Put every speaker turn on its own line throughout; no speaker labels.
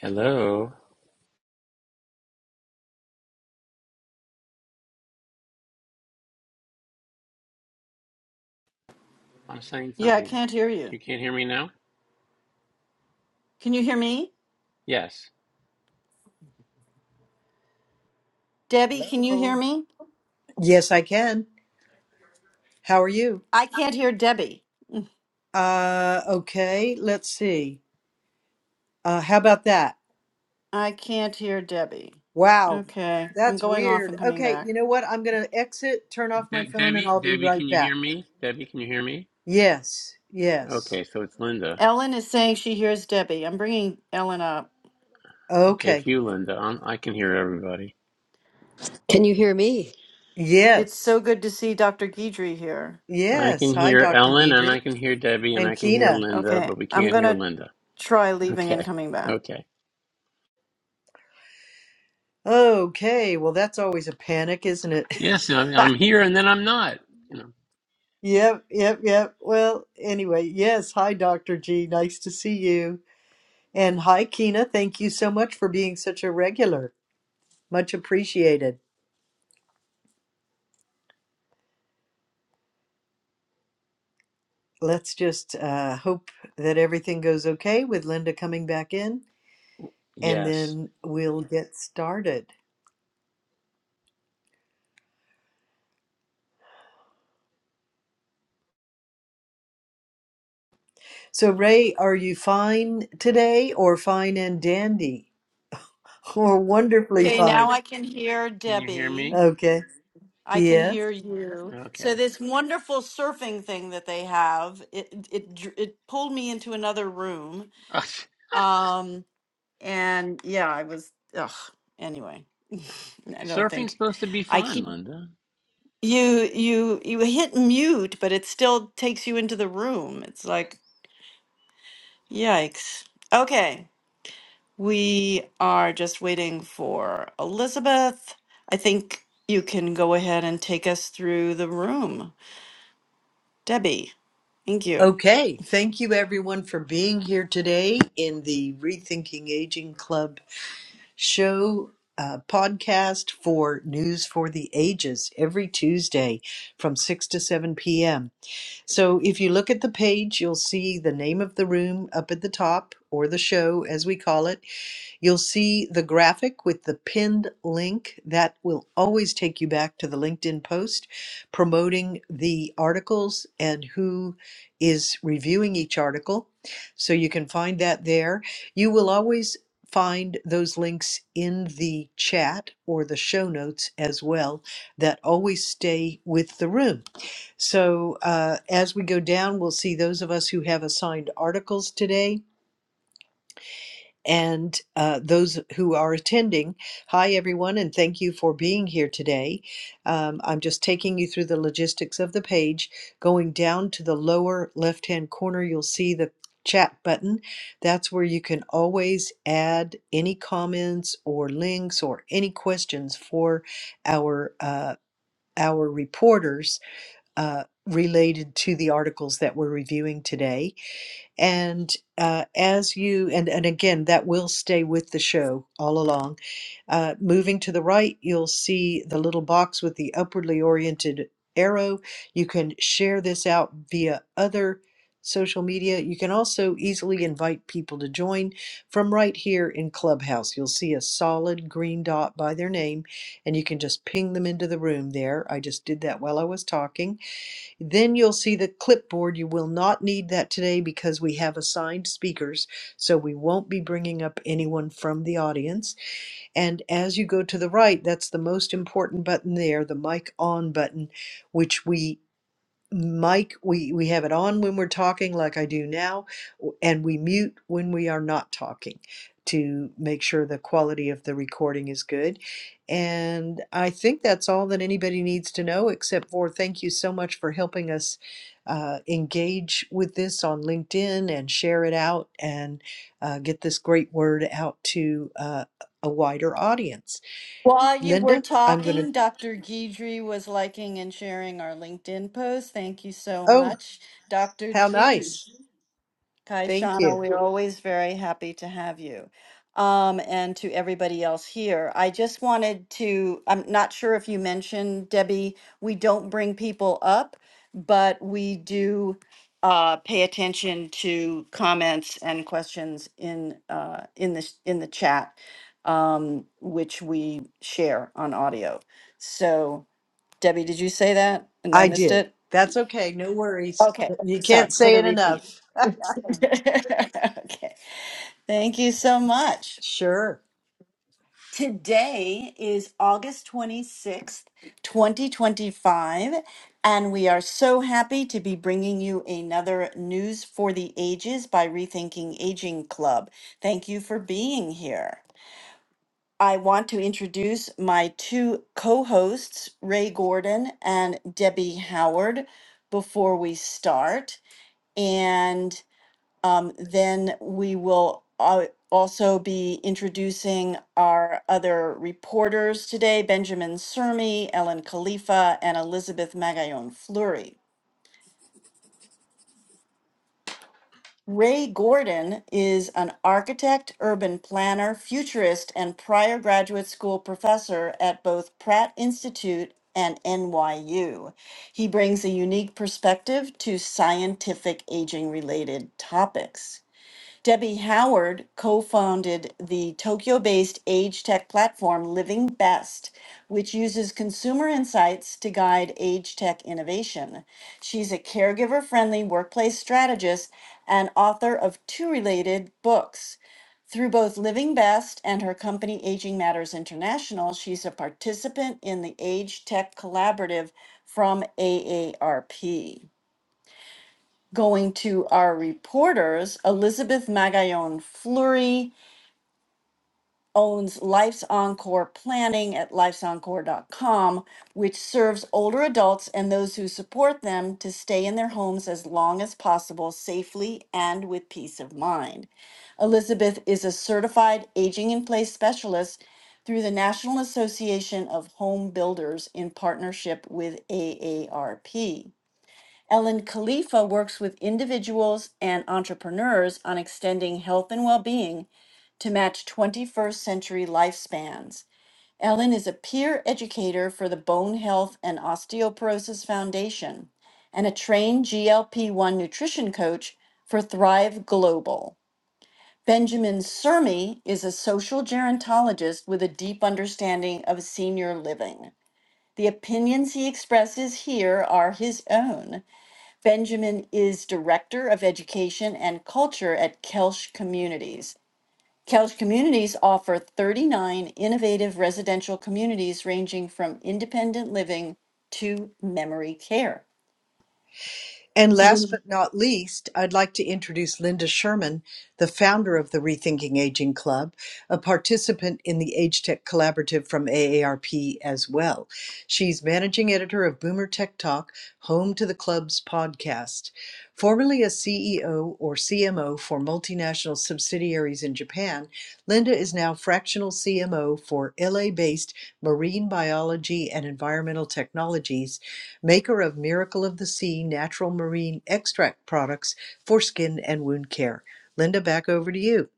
Hello. I'm saying
Yeah, I
something.
can't hear you.
You can't hear me now?
Can you hear me?
Yes.
Debbie, can you hear
Hello.
me?
Yes, I can. How are you?
I can't hear Debbie.
Uh, okay, let's see. Uh, how about that?
I can't hear Debbie.
Wow,
Okay, I'm
that's
going off
weird.
and coming
Okay,
back.
you know what? I'm going to exit, turn off my
De-
phone, and
Debbie,
I'll be
Debbie, can
right
you hear
back.
me? Debbie, can you hear me?
Yes, yes.
Okay, so it's Linda.
Ellen is saying she hears Debbie. I'm bringing Ellen up.
Okay, it's
Okay.
you, Linda. I'm, I can hear everybody.
Can you hear me?
It's so
Yes,
good to see Dr. Guidry here.
I
yes.
can
Hi,
hear
Dr.
Ellen, and
Deidre
I can hear Debbie, and I
and
can hear
Kina.
Linda,
Okay,
but we
I'm
can't
going
hear
to
Linda.
try leaving and
Okay,
coming back.
okay.
Okay, well, that's always a panic, isn't it?
Yes, I'm, I'm here, and then I'm not. You know.
Yep, yep, yep. Well, anyway, yes. Hi, Dr. G. Nice to see you. And hi, Kina. Thank you so much for being such a regular. Much appreciated. Let's just uh, hope that everything goes okay with Linda coming back in, and
Yes.
then we'll get started. So, Ray, are you fine today, or fine and dandy, or wonderfully
Okay, now
fine?
I can hear
Can you hear
Debbie.
me?
Okay.
I can
Yes.
hear you.
Okay.
So this wonderful surfing thing that they have, it it dr- it pulled me into another room. Um And yeah, I was, ugh, anyway. I don't
Surfing's
think
supposed to be
I
fun,
keep
Linda.
you you you hit mute, but it still takes you into the room. It's like, yikes. Okay, we are just waiting for Elizabeth. I think you can go ahead and take us through the room. Debbie, thank you.
Okay. Thank you, everyone, for being here today in the Rethinking Aging Club show uh, podcast for News for the Ages every Tuesday from 6 to 7 p.m. So if you look at the page, you'll see the name of the room up at the top, or the show as we call it, You'll see the graphic with the pinned link that will always take you back to the LinkedIn post promoting the articles and who is reviewing each article. So you can find that there. You will always find those links in the chat or the show notes as well that always stay with the room. So uh, as we go down, we'll see those of us who have assigned articles today and uh, those who are attending. Hi, everyone, and thank you for being here today. Um, I'm just taking you through the logistics of the page. Going down to the lower left hand corner, you'll see the chat button. That's where you can always add any comments or links or any questions for our. Uh, our reporters uh, related to the articles that we're reviewing today and uh, as you and and again that will stay with the show all along uh, moving to the right you'll see the little box with the upwardly oriented arrow you can share this out via other social media you can also easily invite people to join from right here in clubhouse you'll see a solid green dot by their name and you can just ping them into the room there i just did that while i was talking then you'll see the clipboard. You will not need that today because we have assigned speakers, so we won't be bringing up anyone from the audience. And as you go to the right, that's the most important button there, the mic on button, which we mic we we have it on when we're talking like i do now w- and we mute when we are not talking to make sure the quality of the recording is good and i think that's all that anybody needs to know except for thank you so much for helping us uh, engage with this on linkedin and share it out and uh, get this great word out to uh, a wider audience
While you were
linda i'm going to
talking, Dr. Guidry was liking and sharing our LinkedIn post. Thank you so
oh
much, Dr.
how
G.
nice thank
Kaishana,
you
we're always very happy to have you. Um, and to everybody else here, I just wanted to, I'm not sure if you mentioned, Debbie, we don't bring people up, but we do uh, pay attention to comments and questions in uh, in the in the chat, um, which we share on audio. So, Debbie, did you say that and I
I
missed
did.
it?
That's okay. No worries.
Okay,
You
sorry
can't
for
say
the
it
repeat.
enough.
okay. Thank you so much.
Sure.
Today is August 26th, 2025, and we are so happy to be bringing you another News for the Ages by Rethinking Aging Club. Thank you for being here. I want to introduce my two co hosts, Ray Gordon and Debbie Howard, before we start. And Um, then we will al- also be introducing our other reporters today, Benjamin Sermi, Ellen Khalifa, and Elizabeth Magallon Fleury. Ray Gordon is an architect, urban planner, futurist, and prior graduate school professor at both Pratt Institute and NYU. He brings a unique perspective to scientific aging related topics. Debbie Howard co founded the Tokyo based age tech platform Living Best, which uses consumer insights to guide age tech innovation. She's a caregiver friendly workplace strategist and author of two related books. Through both Living Best and her company Aging Matters International, she's a participant in the Age Tech Collaborative from AARP. Going to our reporters, Elizabeth Magallon Fleury owns Life's Encore Planning at lifesencore.com, which serves older adults and those who support them to stay in their homes as long as possible safely and with peace of mind. Elizabeth is a certified aging in place specialist through the National Association of Home Builders in partnership with AARP. Ellen Khalifa works with individuals and entrepreneurs on extending health and well being to match 21st century lifespans. Ellen is a peer educator for the Bone Health and Osteoporosis Foundation and a trained GLP 1 nutrition coach for Thrive Global. Benjamin Sermi is a social gerontologist with a deep understanding of senior living. The opinions he expresses here are his own Benjamin is Director of Education and Culture at Kelsch Communities. Kelsch Communities offer 39 innovative residential communities ranging from independent living to memory care.
And last
Mhm.
but not least, I'd like to introduce Linda Sherman, the founder of the Rethinking Aging Club, a participant in the Age Tech Collaborative from AARP as well. She's managing editor of Boomer Tech Talk, home to the club's podcast. Formerly a CEO or CMO for multinational subsidiaries in Japan, Linda is now fractional CMO for LA based marine biology and environmental technologies maker of Miracle of the Sea natural marine extract products for skin and wound care. Linda, back over to you.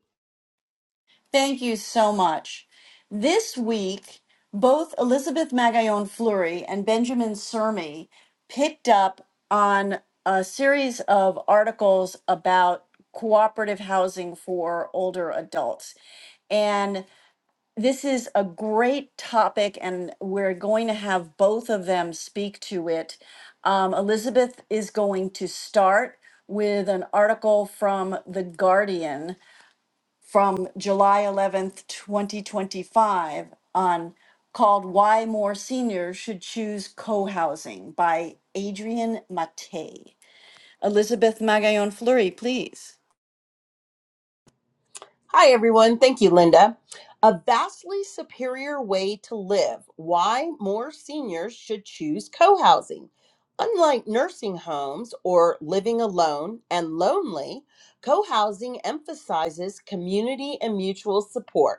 Thank you so much. This week, both Elizabeth Magallon Fleury and Benjamin Sermi picked up on a series of articles about cooperative housing for older adults. And This is a great topic, and we're going to have both of them speak to it. Um, Elizabeth is going to start with an article from The Guardian from July 11th, 2025, on called Why More Seniors Should Choose Co Housing by Adrian Mate. Elizabeth Magallon Fleury, please.
Hi, everyone. Thank you, Linda. A vastly superior way to live. Why more seniors should choose co housing. Unlike nursing homes or living alone and lonely, co housing emphasizes community and mutual support.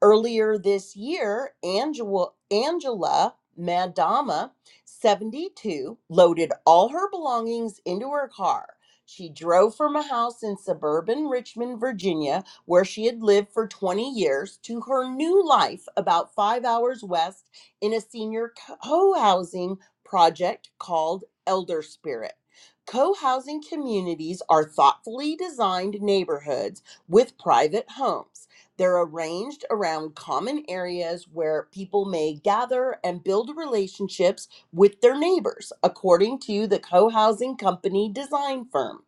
Earlier this year, Angela, Angela Madama, 72, loaded all her belongings into her car. She drove from a house in suburban Richmond, Virginia, where she had lived for 20 years, to her new life about five hours west in a senior co housing project called Elder Spirit. Co housing communities are thoughtfully designed neighborhoods with private homes. They're arranged around common areas where people may gather and build relationships with their neighbors, according to the co housing company design firm.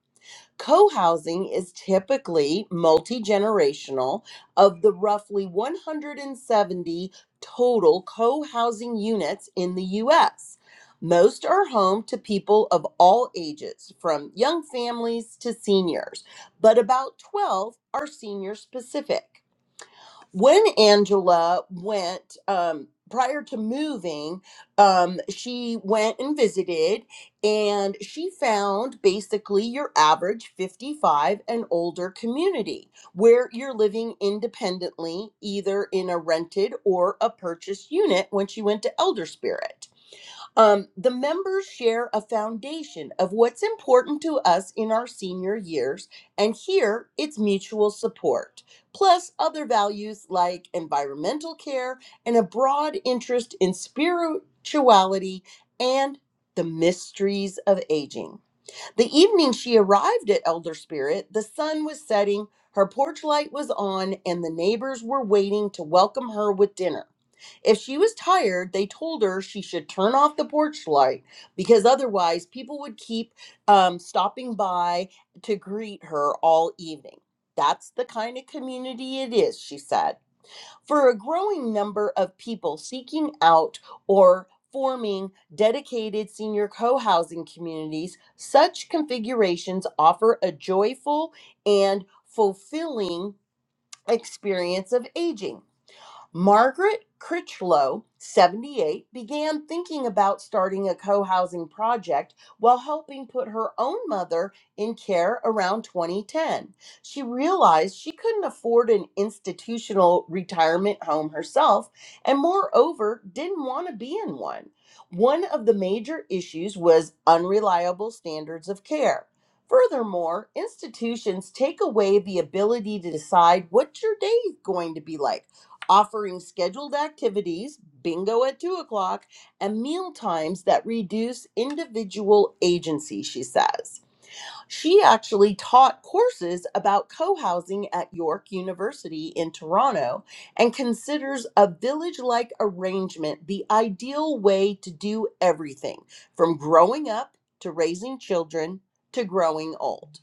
Co housing is typically multi generational. Of the roughly 170 total co housing units in the U.S., most are home to people of all ages, from young families to seniors, but about 12 are senior specific when Angela went um, prior to moving, um, she went and visited, and she found basically your average 55 and older community where you're living independently, either in a rented or a purchased unit when she went to Elder Spirit. Um, the members share a foundation of what's important to us in our senior years, and here it's mutual support, plus other values like environmental care and a broad interest in spirituality and the mysteries of aging. The evening she arrived at Elder Spirit, the sun was setting, her porch light was on, and the neighbors were waiting to welcome her with dinner. If she was tired, they told her she should turn off the porch light because otherwise people would keep um, stopping by to greet her all evening. That's the kind of community it is, she said. For a growing number of people seeking out or forming dedicated senior co housing communities, such configurations offer a joyful and fulfilling experience of aging. Margaret Critchlow, 78, began thinking about starting a co housing project while helping put her own mother in care around 2010. She realized she couldn't afford an institutional retirement home herself, and moreover, didn't want to be in one. One of the major issues was unreliable standards of care. Furthermore, institutions take away the ability to decide what your day is going to be like offering scheduled activities, bingo at two o'clock, and meal times that reduce individual agency, she says. She actually taught courses about co housing at York University in Toronto and considers a village like arrangement the ideal way to do everything from growing up to raising children to growing old.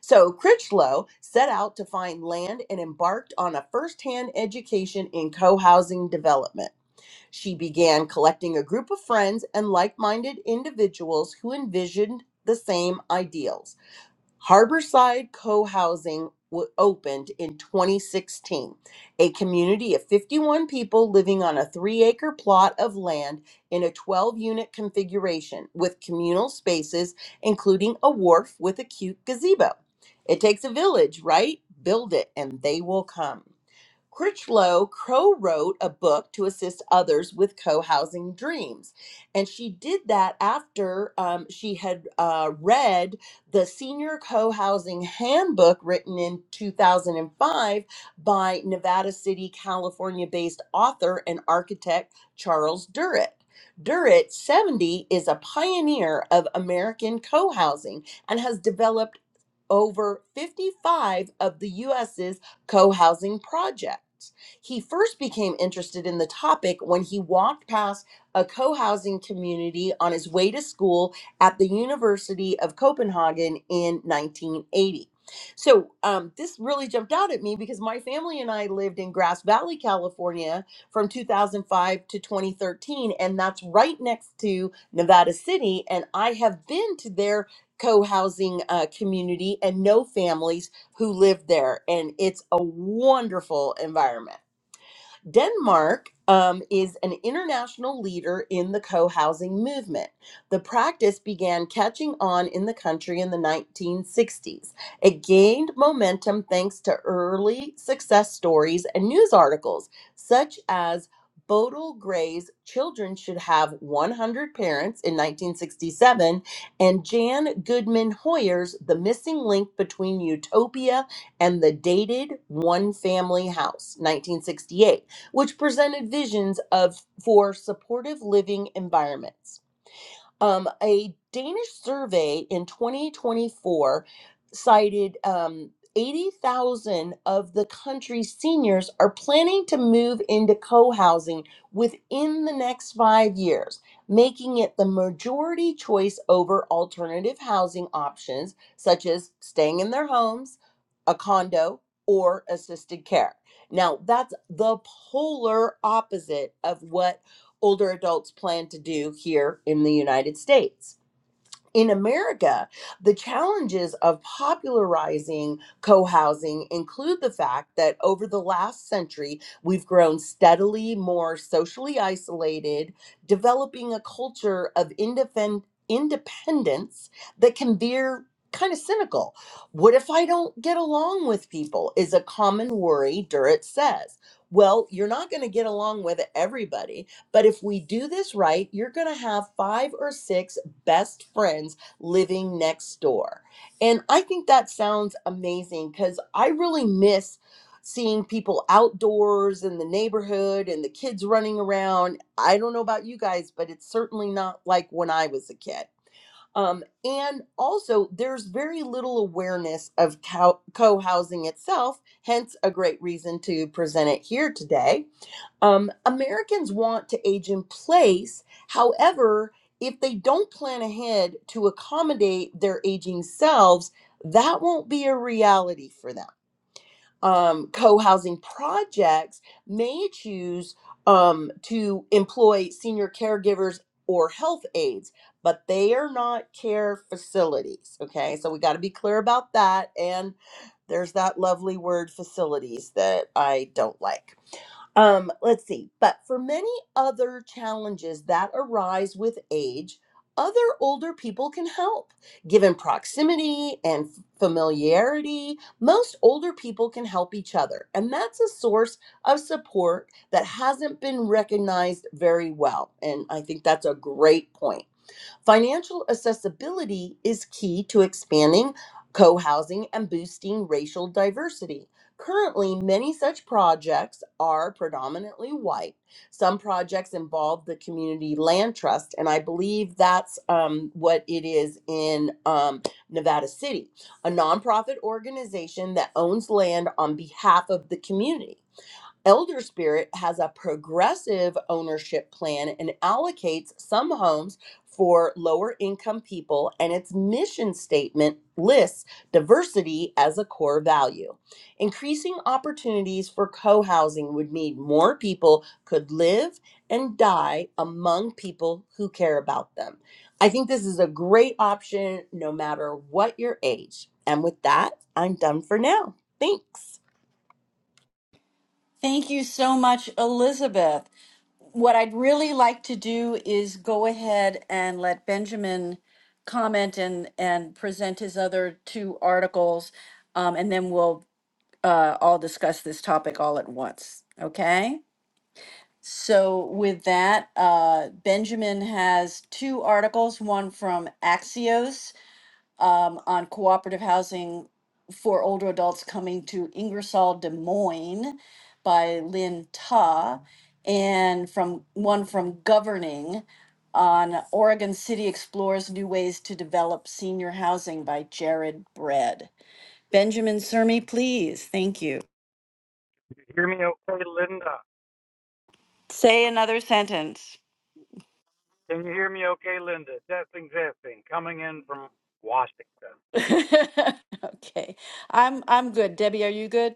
So Critchlow set out to find land and embarked on a first-hand education in co-housing development. She began collecting a group of friends and like-minded individuals who envisioned the same ideals. Harborside Co-housing wa- opened in 2016, a community of 51 people living on a 3-acre plot of land in a 12-unit configuration with communal spaces including a wharf with a cute gazebo. It takes a village, right? Build it and they will come. Critchlow co wrote a book to assist others with co housing dreams. And she did that after um, she had uh, read the Senior Co housing Handbook written in 2005 by Nevada City, California based author and architect Charles Durrett. Durrett, 70, is a pioneer of American co housing and has developed over 55 of the US's co-housing projects. He first became interested in the topic when he walked past a co-housing community on his way to school at the University of Copenhagen in 1980. So um, this really jumped out at me because my family and I lived in Grass Valley, California, from 2005 to 2013, and that's right next to Nevada City. And I have been to their co housing uh, community and know families who live there. And it's a wonderful environment. Denmark um, is an international leader in the co housing movement. The practice began catching on in the country in the 1960s. It gained momentum thanks to early success stories and news articles, such as Bodil Gray's Children Should Have 100 Parents in 1967 and Jan Goodman Hoyer's The Missing Link Between Utopia and the Dated One Family House, 1968 which presented visions of for supportive living environments. Um, a Danish survey in 2024 cited um, 80,000 of the country's seniors are planning to move into co housing within the next five years, making it the majority choice over alternative housing options such as staying in their homes, a condo, or assisted care. Now, that's the polar opposite of what older adults plan to do here in the United States in America, the challenges of popularizing co housing include the fact that over the last century, we've grown steadily more socially isolated, developing a culture of indefen- independence that can veer kind of cynical. What if I don't get along with people? Is a common worry, Durrett says. Well, you're not going to get along with everybody, but if we do this right, you're going to have five or six best friends living next door. And I think that sounds amazing because I really miss seeing people outdoors in the neighborhood and the kids running around. I don't know about you guys, but it's certainly not like when I was a kid. Um, and also, there's very little awareness of co housing itself, hence, a great reason to present it here today. Um, Americans want to age in place. However, if they don't plan ahead to accommodate their aging selves, that won't be a reality for them. Um, Co housing projects may choose um, to employ senior caregivers or health aides, but they are not care facilities. Okay, so we got to be clear about that. And there's that lovely word facilities that I don't like. Um, let's see. But for many other challenges that arise with age, other older people can help. Given proximity and f- familiarity, most older people can help each other. And that's a source of support that hasn't been recognized very well. And I think that's a great point. Financial accessibility is key to expanding co housing and boosting racial diversity. Currently, many such projects are predominantly white. Some projects involve the community land trust, and I believe that's um, what it is in um, Nevada City, a nonprofit organization that owns land on behalf of the community. Elder Spirit has a progressive ownership plan and allocates some homes for lower income people, and its mission statement lists diversity as a core value. Increasing opportunities for co housing would mean more people could live and die among people who care about them. I think this is a great option no matter what your age. And with that, I'm done for now. Thanks.
Thank you so much, Elizabeth. what I'd really like to do is go ahead and let Benjamin comment and, and present his other two articles, um, and then we'll uh, all discuss this topic all at once. Okay? So, with that, uh, Benjamin has two articles one from Axios um, on cooperative housing for older adults coming to Ingersoll, Des Moines by Lynn Ta, and from one from Governing on Oregon City Explores New Ways to Develop Senior Housing by Jared Bread. Benjamin Sermi, please. Thank you.
You hear me okay, Linda?
Say another sentence.
Can you hear me okay, Linda? Testing, testing. Coming in from Washington.
okay. I'm I'm good. Debbie, are you good?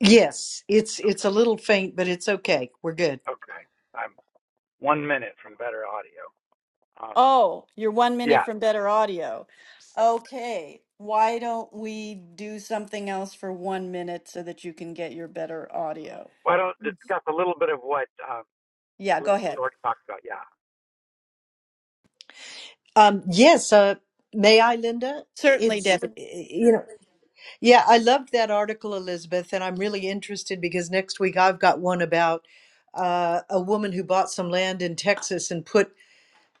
Yes, it's it's
Okay,
a little faint, but it's okay. We're good.
okay. I'm one minute from better audio. Um,
Oh, you're one minute
yeah.
from better audio. Okay, why don't we do something else for one minute so that you can get your better audio?
Why don't I discuss a little bit of what um,
Yeah, go
Elizabeth
ahead.
already talked about? Yeah.
Um, yes, uh, may I, Linda?
Certainly,
It's
Debbie.
eh, you know, yeah, I loved that article, Elizabeth, and I'm really interested because next week I've got one about uh, a woman who bought some land in Texas and put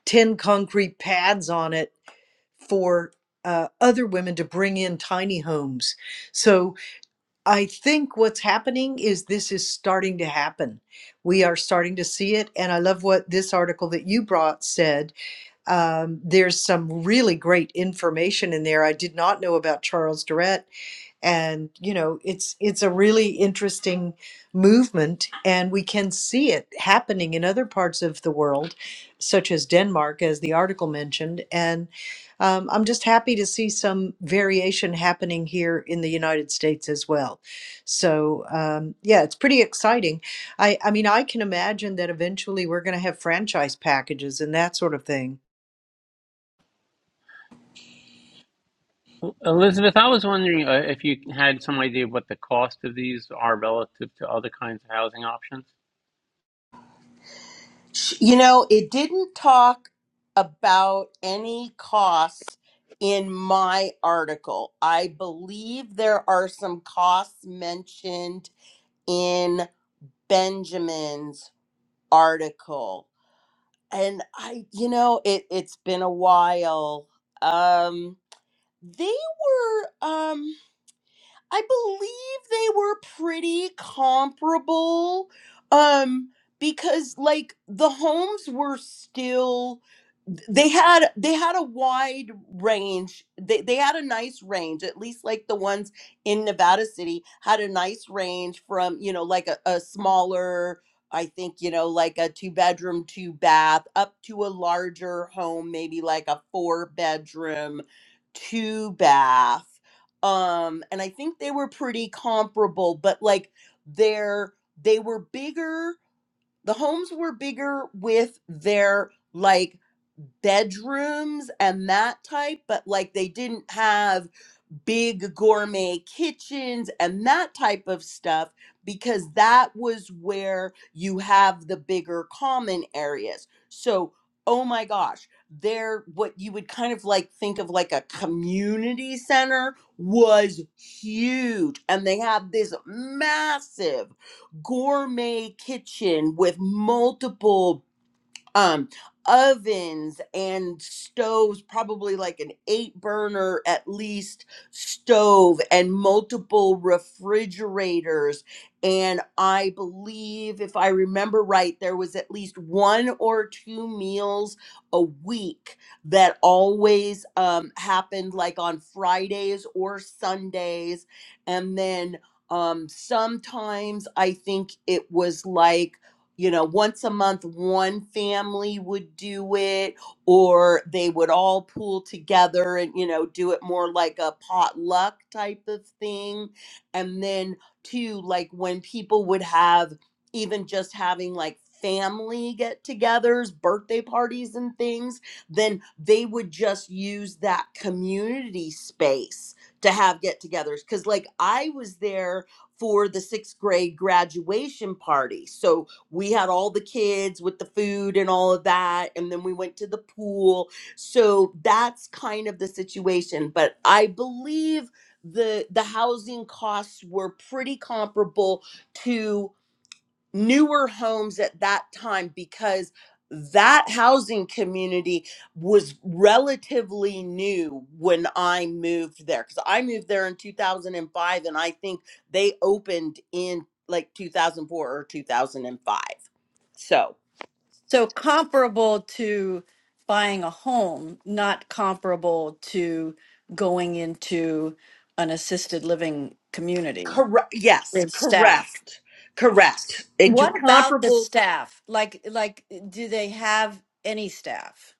ten concrete pads on it for uh, other women to bring in tiny homes. So I think what's happening is this is starting to happen. We are starting to see it. And I love what this article that you brought said. Um, there's some really great information in there. I did not know about Charles Durrett, and you know it's it's a really interesting movement and we can see it happening in other parts of the world such as denmark as the article mentioned and um, i'm just happy to see some variation happening here in the united states as well so um, yeah it's pretty exciting i i mean i can imagine that eventually we're going to have franchise packages and that sort of thing
Well, Elizabeth, I was wondering uh, if you had some idea what the cost of these are relative to other kinds of housing options.
You know, it didn't talk about any costs in my article. I believe there are some costs mentioned in Benjamin's article. And I, you know, it, it's been a while. Um, they were. um. I believe they were pretty comparable. Um, because like the homes were still they had they had a wide range. They they had a nice range, at least like the ones in Nevada City had a nice range from, you know, like a, a smaller, I think, you know, like a two bedroom, two bath, up to a larger home, maybe like a four bedroom, two bath um and i think they were pretty comparable but like their they were bigger the homes were bigger with their like bedrooms and that type but like they didn't have big gourmet kitchens and that type of stuff because that was where you have the bigger common areas. So, oh my gosh, there what you would kind of like think of like a community center was huge and they have this massive gourmet kitchen with multiple um ovens and stoves probably like an eight burner at least stove and multiple refrigerators and i believe if i remember right there was at least one or two meals a week that always um, happened like on fridays or sundays and then um, sometimes i think it was like you know, once a month, one family would do it, or they would all pool together and, you know, do it more like a potluck type of thing. And then, too, like when people would have even just having like family get togethers, birthday parties, and things, then they would just use that community space to have get togethers. Cause like I was there for the sixth grade graduation party. So, we had all the kids with the food and all of that and then we went to the pool so that's kind of the situation but i believe the the housing costs were pretty comparable to newer homes at that time because that housing community was relatively new when I moved there because I moved there in 2005 and I think they opened in like 2004 or 2005 so,
So comparable to buying a home, not comparable to going into an assisted living community
correct. Yes,
with staff.
correct. Correct. It do
What about the
comparable.
staff? Like, like, do they have any staff?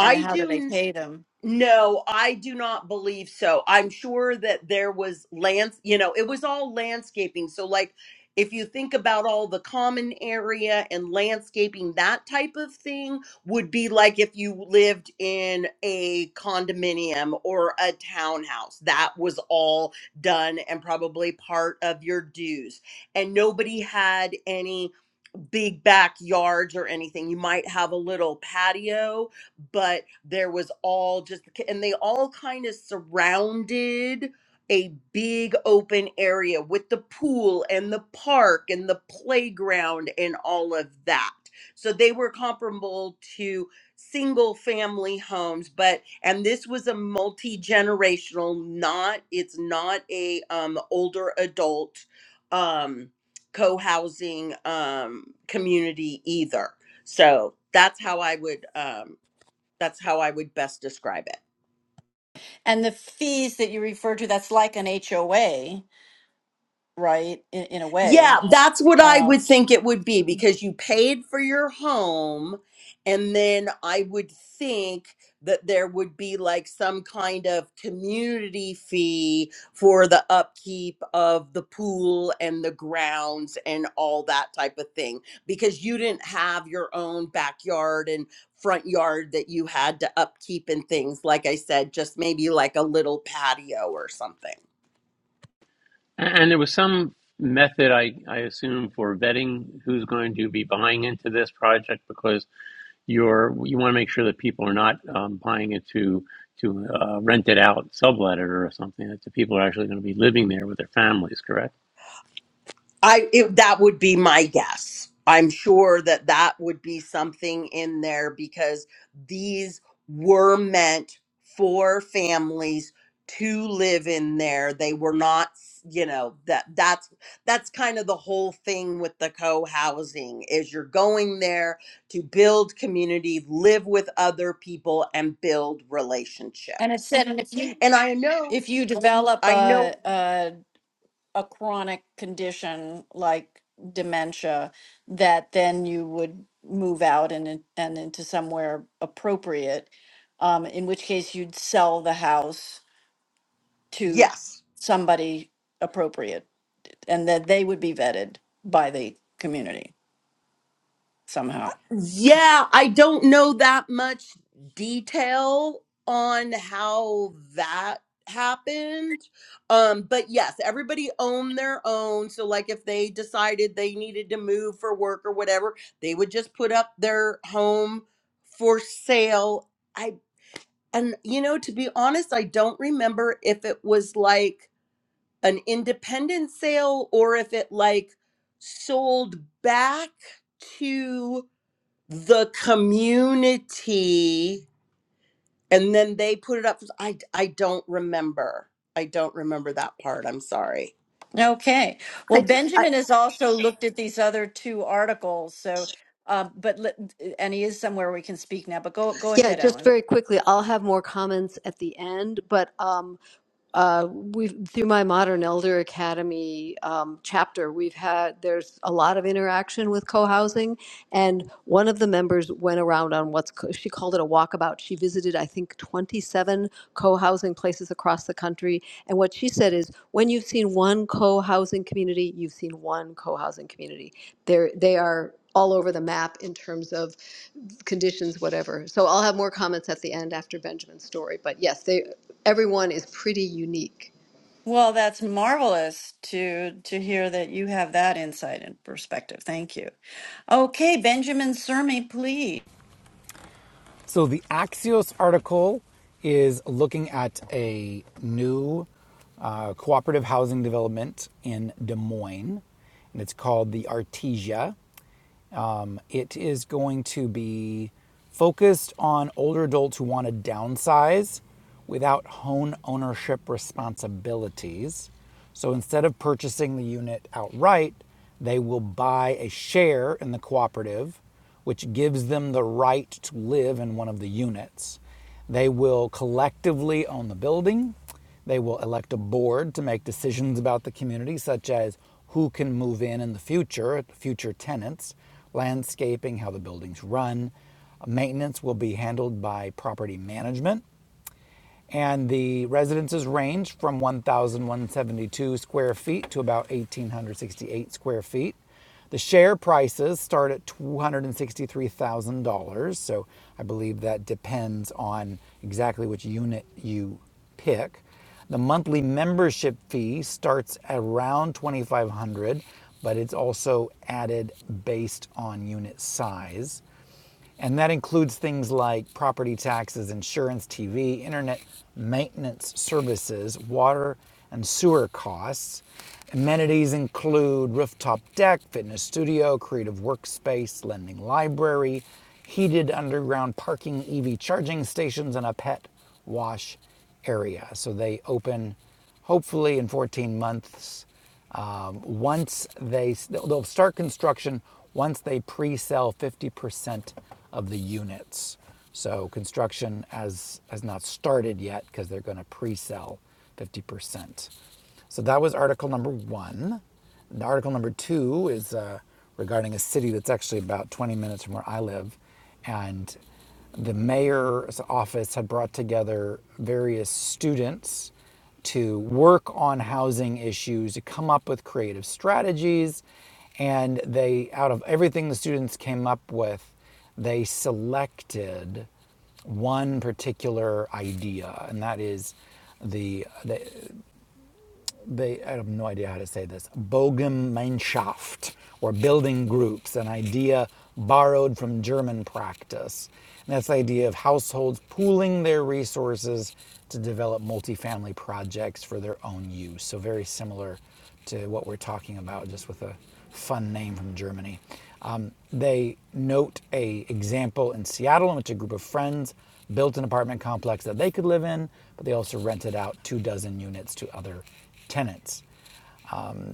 And how do
do
they
n-
pay them?
no. I do not believe so. I'm sure that there was lands. You know, it was all landscaping. So, like, if you think about all the common area and landscaping, that type of thing would be like if you lived in a condominium or a townhouse. That was all done and probably part of your dues and nobody had any big backyards or anything. You might have a little patio, but there was all just, and they all kind of surrounded a big open area with the pool and the park and the playground and all of that. So they were comparable to single family homes but and this was a multi-generational not it's not a um older adult um co-housing um, community either. So that's how I would um, that's how I would best describe it.
And the fees that you refer to, that's like an HOA, right? In, in a
Yeah,
way.
that's what I
Um,
would think it would be because you paid for your home, and then I would think that there would be like some kind of community fee for the upkeep of the pool and the grounds and all that type of thing because you didn't have your own backyard and front yard that you had to upkeep and things. Like I said, just maybe like a little patio or something.
A- And there was some method, I, I assume, for vetting who's going to be buying into this project because you're you want to make sure that people are not um, buying it to to uh, rent it out, sublet it, or something. That the people are actually going to be living there with their families, correct?
I it, that would be my guess. I'm sure that that would be something in there because these were meant for families to live in there. They were not, you know, that that's that's kind of the whole thing with the co-housing is you're going there to build community, live with other people and build
it
relationships.
said, and if you
And I know
if you develop
I know
a, a a chronic condition like dementia, that then you would move out and in- and into somewhere appropriate. Um, in which case, you'd sell the house to
yes.
somebody appropriate, and that they would be vetted by the community somehow.
Yeah, I don't know that much detail on how that happened. Um, but yes, everybody owned their own. So, like, if they decided they needed to move for work or whatever, they would just put up their home for sale. I, and you know, to be honest, I don't remember if it was like an independent sale or if it like sold back to the community and then they put it up i i don't remember i don't remember that part i'm sorry
Okay. Well,
I, I
Benjamin has also looked at these other two articles. So, uh, but let- and he is somewhere we can speak now. But go go
Yeah,
ahead,
just
Ellen.
very quickly. I'll have more comments at the end, but um, uh, we through my Modern Elder Academy um, chapter, we've had there's a lot of interaction with co-housing, and one of the members went around on what's co- she called it a walkabout. She visited, I think, 27 co-housing places across the country, and what she said is, when you've seen one co-housing community, you've seen one co-housing community. They're they are all over the map in terms of conditions, whatever. So I'll have more comments at the end after Benjamin's story. But yes, they, everyone is pretty unique.
Well, that's marvelous to to hear that you have that insight and perspective. Thank you. Okay, Benjamin Cermi, please.
So the Axios article is looking at a new uh, cooperative housing development in Des Moines, and it's called the Artesia. Um, it is going to be focused on older adults who want to downsize without home ownership responsibilities. So instead of purchasing the unit outright, they will buy a share in the cooperative, which gives them the right to live in one of the units. They will collectively own the building they will elect a board to make decisions about the community, such as who can move in in the future, future tenants, landscaping, how the buildings run. Maintenance will be handled by property management. And the residences range from 1,172 square feet to about 1,868 square feet. The share prices start at $263,000. So I believe that depends on exactly which unit you pick. The monthly membership fee starts around 2500 dollars but it's also added based on unit size. And that includes things like property taxes, insurance, TV, internet maintenance services, water and sewer costs. Amenities include rooftop deck, fitness studio, creative workspace, lending library, heated underground parking, EV charging stations, and a pet wash area. So they open hopefully in 14 months um, once they they'll start construction once they pre-sell 50% of the units. So construction has has not started yet because they're going to pre-sell 50%. So that was article number one. And article number two is uh, regarding a city that's actually about 20 minutes from where I live. And the mayor's office had brought together various students to work on housing issues, to come up with creative strategies. And they, out of everything the students came up with, they selected one particular idea, and that is the they, I have no idea how to say this, Bogemeinschaft, or building groups, an idea borrowed from German practice. And that's the idea of households pooling their resources to develop multifamily projects for their own use. So, very similar to what we're talking about, just with a fun name from Germany. Um, they note a example in Seattle in which a group of friends built an apartment complex that they could live in, but they also rented out two dozen units to other tenants.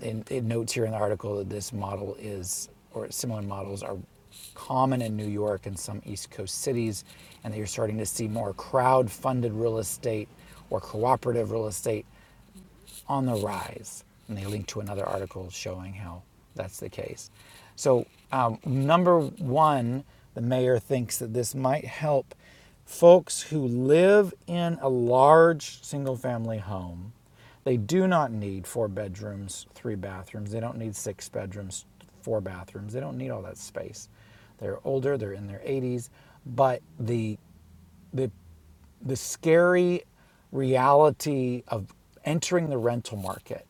And it notes here in the article that this model is, or similar models are common in New York and some East Coast cities, and that you're starting to see more crowd-funded real estate or cooperative real estate on the rise. And they link to another article showing how that's the case. So, um, number one, the mayor thinks that this might help folks who live in a large single family home. They do not need four bedrooms, three bathrooms. They don't need six bedrooms, four bathrooms. They don't need all that space. They're older, they're in their 80s, but the the the scary reality of entering the rental market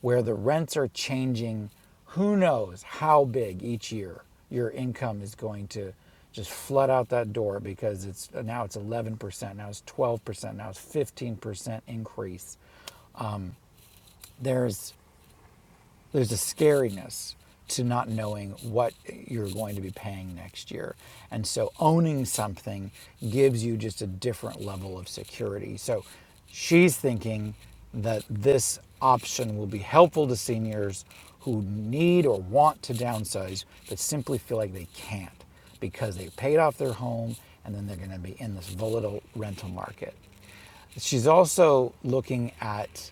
where the rents are changing who knows how big each year your income is going to just flood out that door because it's now it's 11% now it's 12% now it's 15% increase there's there's a scariness to not knowing what you're going to be paying next year. And so owning something gives you just a different level of security. So she's thinking that this option will be helpful to seniors who need or want to downsize but simply feel like they can't because they paid off their home and then they're going to be in this volatile rental market. She's also looking at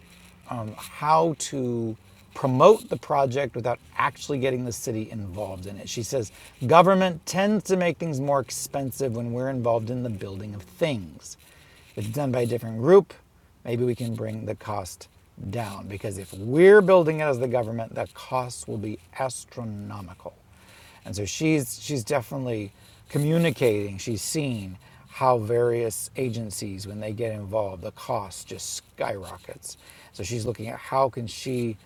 um, how to promote the project without actually getting the city involved in it. She says government tends to make things more expensive when we're involved in the building of things. If it's done by a different group, maybe we can bring the cost down because if we're building it as the government, the costs will be astronomical. And so she's she's definitely communicating. She's seen how various agencies, when they get involved, the cost just skyrockets. So she's looking at how can she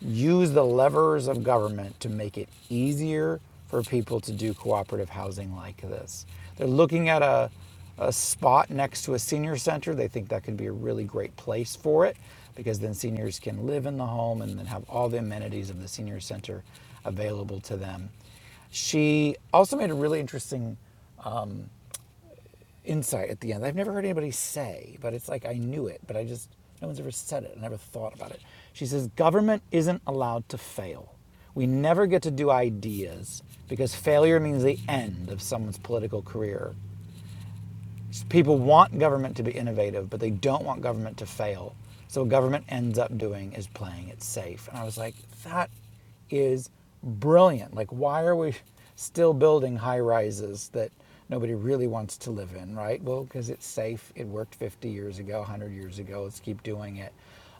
use the levers of government to make it easier for people to do cooperative housing like this. They're looking at a a spot next to a senior center, they think that could be a really great place for it because then seniors can live in the home and then have all the amenities of the senior center available to them. She also made a really interesting insight at the end. I've never heard anybody say, but it's like I knew it, but I just, no one's ever said it. I never thought about it. She says, government isn't allowed to fail. We never get to do ideas because failure means the end of someone's political career people want government to be innovative, but they don't want government to fail. So what government ends up doing is playing it safe. And I was like, that is brilliant. Like, why are we still building high rises that nobody really wants to live in, right? Well, because it's safe. It worked 50 years ago, 100 years ago. Let's keep doing it.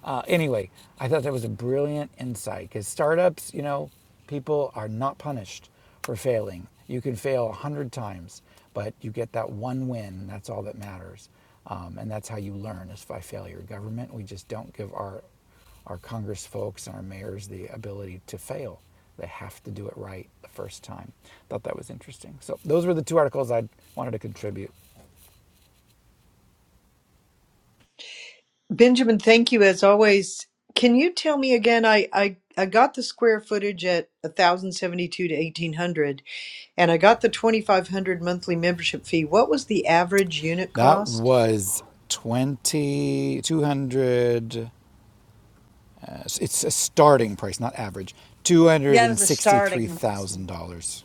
Uh, anyway, I thought that was a brilliant insight because startups, you know, people are not punished for failing. You can fail a hundred times, but you get that one win. That's all that matters, um, and that's how you learn is by failure. Government, we just don't give our our Congress folks and our mayors the ability to fail. They have to do it right the first time. Thought that was interesting. So those were the two articles I wanted to contribute.
Benjamin, thank you as always. Can you tell me again? I, I, I got the square footage at 1,072 to 1,800, and I got the 2,500 monthly membership fee. What was the average unit
That
cost?
was twenty two hundred. uh, it's a starting price, not average,
Yeah, that was a starting.
$263,000.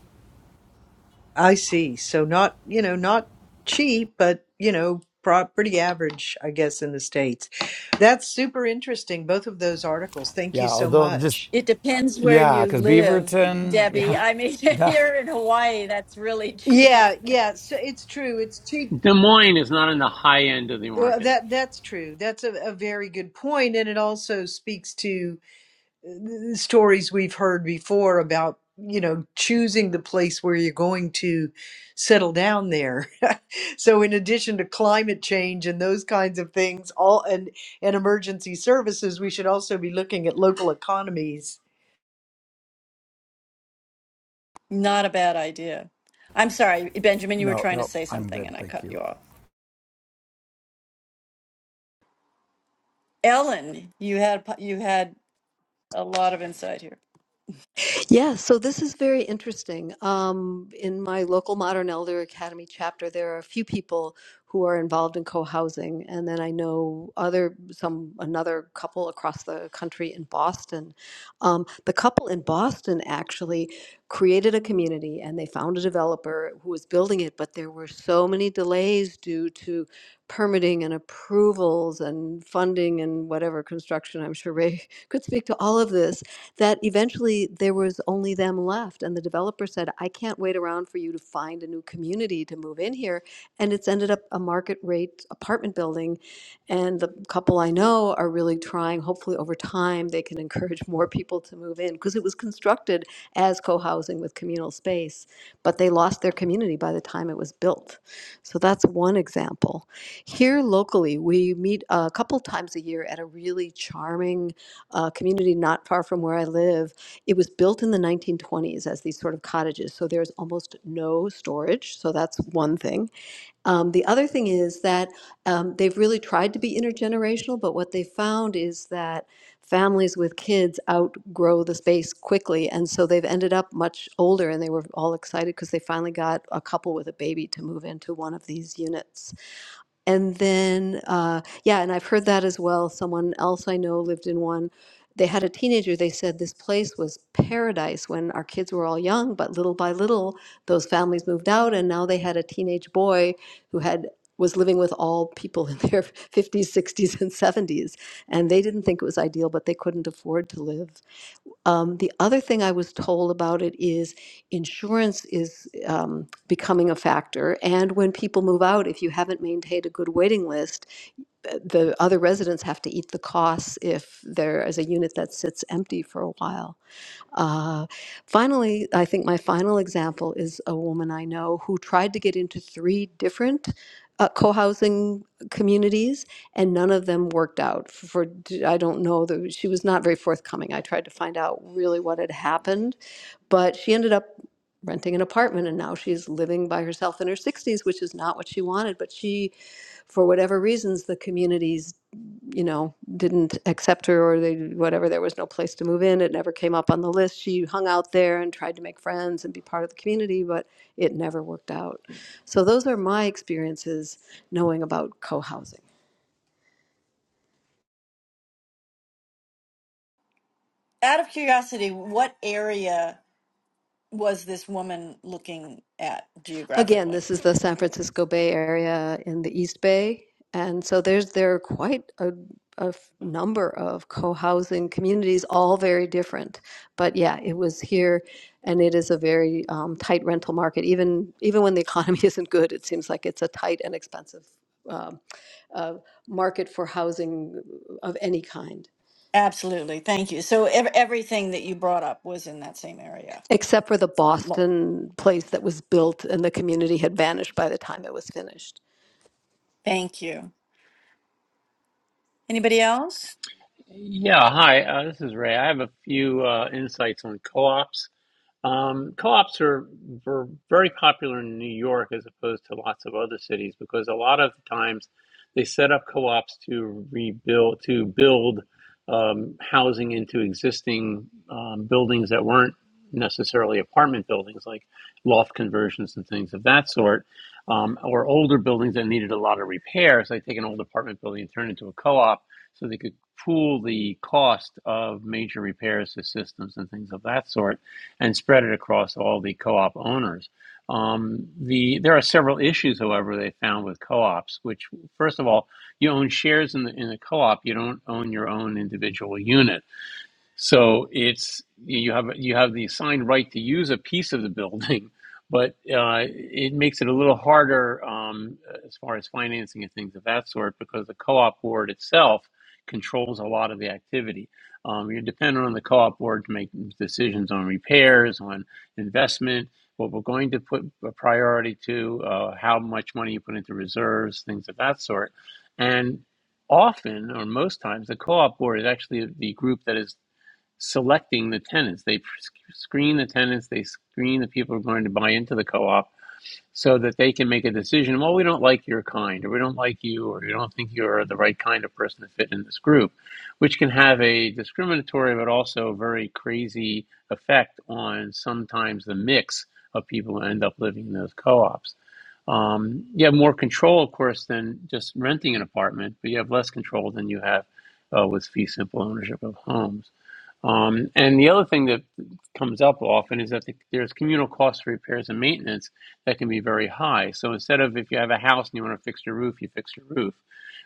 I see. So not, you know, not cheap, but, you know, pro- pretty average, I guess, in the States. That's super interesting, both of those articles. Thank
Yeah,
you so
although just
much.
It depends where
Yeah,
you
because
live,
Beaverton,
Debbie.
yeah.
I mean,
That,
here in Hawaii, that's really cheap.
Yeah, yeah. So it's true. It's cheap
Des Moines is not in the high end of the
Well,
market.
that that's true. That's a, a very good point, and it also speaks to uh, stories we've heard before about you know choosing the place where you're going to settle down there. so, in addition to climate change and those kinds of things, all and and emergency services, we should also be looking at local economies.
Not a bad idea. I'm sorry, Benjamin. You were
no,
trying to
no,
say
I'm
something,
good.
and I
Thank
cut
you.
you off. Ellen, you had you had a lot of insight here.
Yeah, so this is very interesting. Um, in my local Modern Elder Academy chapter, there are a few people who are involved in co-housing, and then I know other some another couple across the country in Boston. Um, the couple in Boston actually created a community, and they found a developer who was building it, but there were so many delays due to permitting and approvals and funding and whatever construction. I'm sure Ray could speak to all of this that eventually there was only them left. And the developer said, I can't wait around for you to find a new community to move in here. And it's ended up a market rate apartment building. And the couple I know are really trying, hopefully over time, they can encourage more people to move in because it was constructed as co housing with communal space, but they lost their community by the time it was built. So that's one example. Here locally, we meet a couple times a year at a really charming uh, community not far from where I live. It was built in the 1920s as these sort of cottages, so there's almost no storage. So that's one thing. Um, the other thing is that um, they've really tried to be intergenerational, but what they found is that families with kids outgrow the space quickly, and so they've ended up much older, and they were all excited because they finally got a couple with a baby to move into one of these units. And then, uh, yeah, and I've heard that as well. Someone else I know lived in one. They had a teenager. They said this place was paradise when our kids were all young, but little by little, those families moved out, and now they had a teenage boy who had was living with all people in their 50s, 60s, and 70s, and they didn't think it was ideal, but they couldn't afford to live um, the other thing I was told about it is insurance is um, becoming a factor. And when people move out, if you haven't maintained a good waiting list, th- the other residents have to eat the costs if there is a unit that sits empty for a while. Uh, finally, I think my final example is a woman I know who tried to get into three different uh, co housing communities, and none of them worked out. For I I don't know, the, she was not very forthcoming. I tried to find out really what had happened, but she ended up renting an apartment and now she's living by herself in her 60s which is not what she wanted but she for whatever reasons the communities you know, didn't accept her or they whatever. There was no place to move in. It never came up on the list. She hung out there and tried to make friends and be part of the community, but it never worked out. So those are my experiences knowing about co-housing.
Out of curiosity, what area was this woman looking at
Again,
geographically?
this is the San Francisco Bay Area in the East Bay, and so there's there are quite a, a f- number of co-housing communities, all very different. But yeah, it was here, and it is a very um, tight rental market. Even even when the economy isn't good, it seems like it's a tight and expensive um, uh, market for housing of any kind.
Absolutely. Thank you. So ev- everything that you brought up was in that same area.
Except for the
Lo-
Boston place that was built, and the community had vanished by the time it was finished.
Thank you. Anybody else?
Yeah, hi, uh, this is Ray. I have a few uh, insights on co-ops. Um, co-ops are were very popular in New York as opposed to lots of other cities because a lot of times they set up co-ops to rebuild to build um, housing into existing um, buildings that weren't necessarily apartment buildings, like loft conversions and things of that sort, um, or older buildings that needed a lot of repairs. They take an old apartment building and turn it into a co-op so they could pool the cost of major repairs to systems and things of that sort and spread it across all the co-op owners. Um, the there are several issues, however, they found with co-ops. Which, first of all, you own shares in the in the co-op. You don't own your own individual unit so it's you have you have the assigned right to use a piece of the building, but uh, it makes it a little harder um, as far as financing and things of that sort because the co-op board itself controls a lot of the activity. Um, you're dependent on the co-op board to make decisions on repairs, on investment, what we're going to put a priority to, uh, how much money you put into reserves, things of that sort, and often or most times the co-op board is actually the group that is selecting the tenants. They screen the tenants, they screen the people who are going to buy into the co op so that they can make a decision well, we don't like your kind, or we don't like you, or we don't think you're the right kind of person to fit in this group, which can have a discriminatory but also very crazy effect on sometimes the mix of people who end up living in those co ops. Um, you have more control, of course, than just renting an apartment, but you have less control than you have uh, with fee simple ownership of homes. Um, and the other thing that comes up often is that the, there's communal costs for repairs and maintenance that can be very high. So instead of if you have a house and you want to fix your roof, you fix your roof.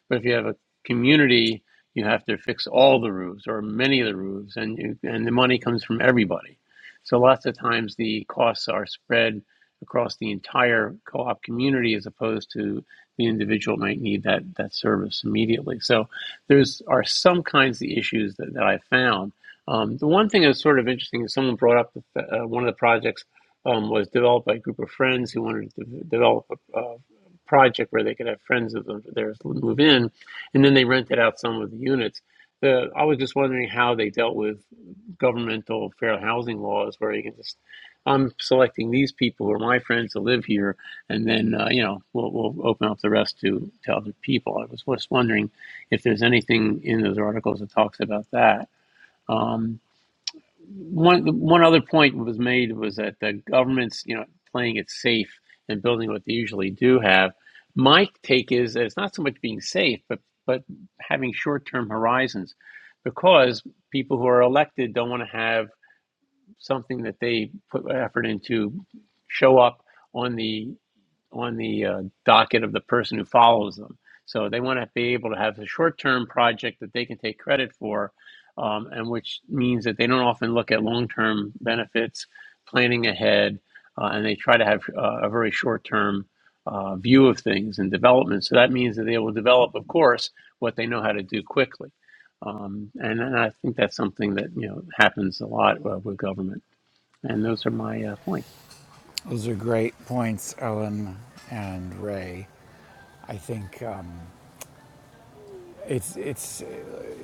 But if you have a community, you have to fix all the roofs or many of the roofs, and you, and the money comes from everybody. So lots of times the costs are spread across the entire co-op community as opposed to the individual might need that that service immediately. So there's are some kinds of issues that, that I found um, the one thing that's sort of interesting is someone brought up the, uh, one of the projects um, was developed by a group of friends who wanted to develop a, a project where they could have friends of theirs move in, and then they rented out some of the units. The, I was just wondering how they dealt with governmental fair housing laws, where you can just I'm selecting these people who are my friends to live here, and then uh, you know we'll, we'll open up the rest to, to other people. I was just wondering if there's anything in those articles that talks about that. Um, one one other point was made was that the government's, you know, playing it safe and building what they usually do have. My take is that it's not so much being safe, but but having short-term horizons, because people who are elected don't want to have something that they put effort into show up on the on the uh, docket of the person who follows them. So they want to be able to have a short-term project that they can take credit for, um, and which means that they don't often look at long-term benefits, planning ahead, uh, and they try to have uh, a very short-term uh, view of things and development. So that means that they will develop, of course, what they know how to do quickly. Um, and, and I think that's something that you know happens a lot uh, with government. And those are my uh, points.
Those are great points, Ellen and Ray. I think um, it's it's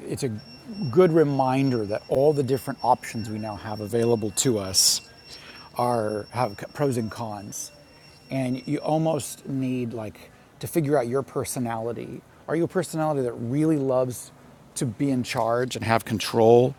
it's a good reminder that all the different options we now have available to us are have pros and cons and you almost need like to figure out your personality are you a personality that really loves to be in charge and have control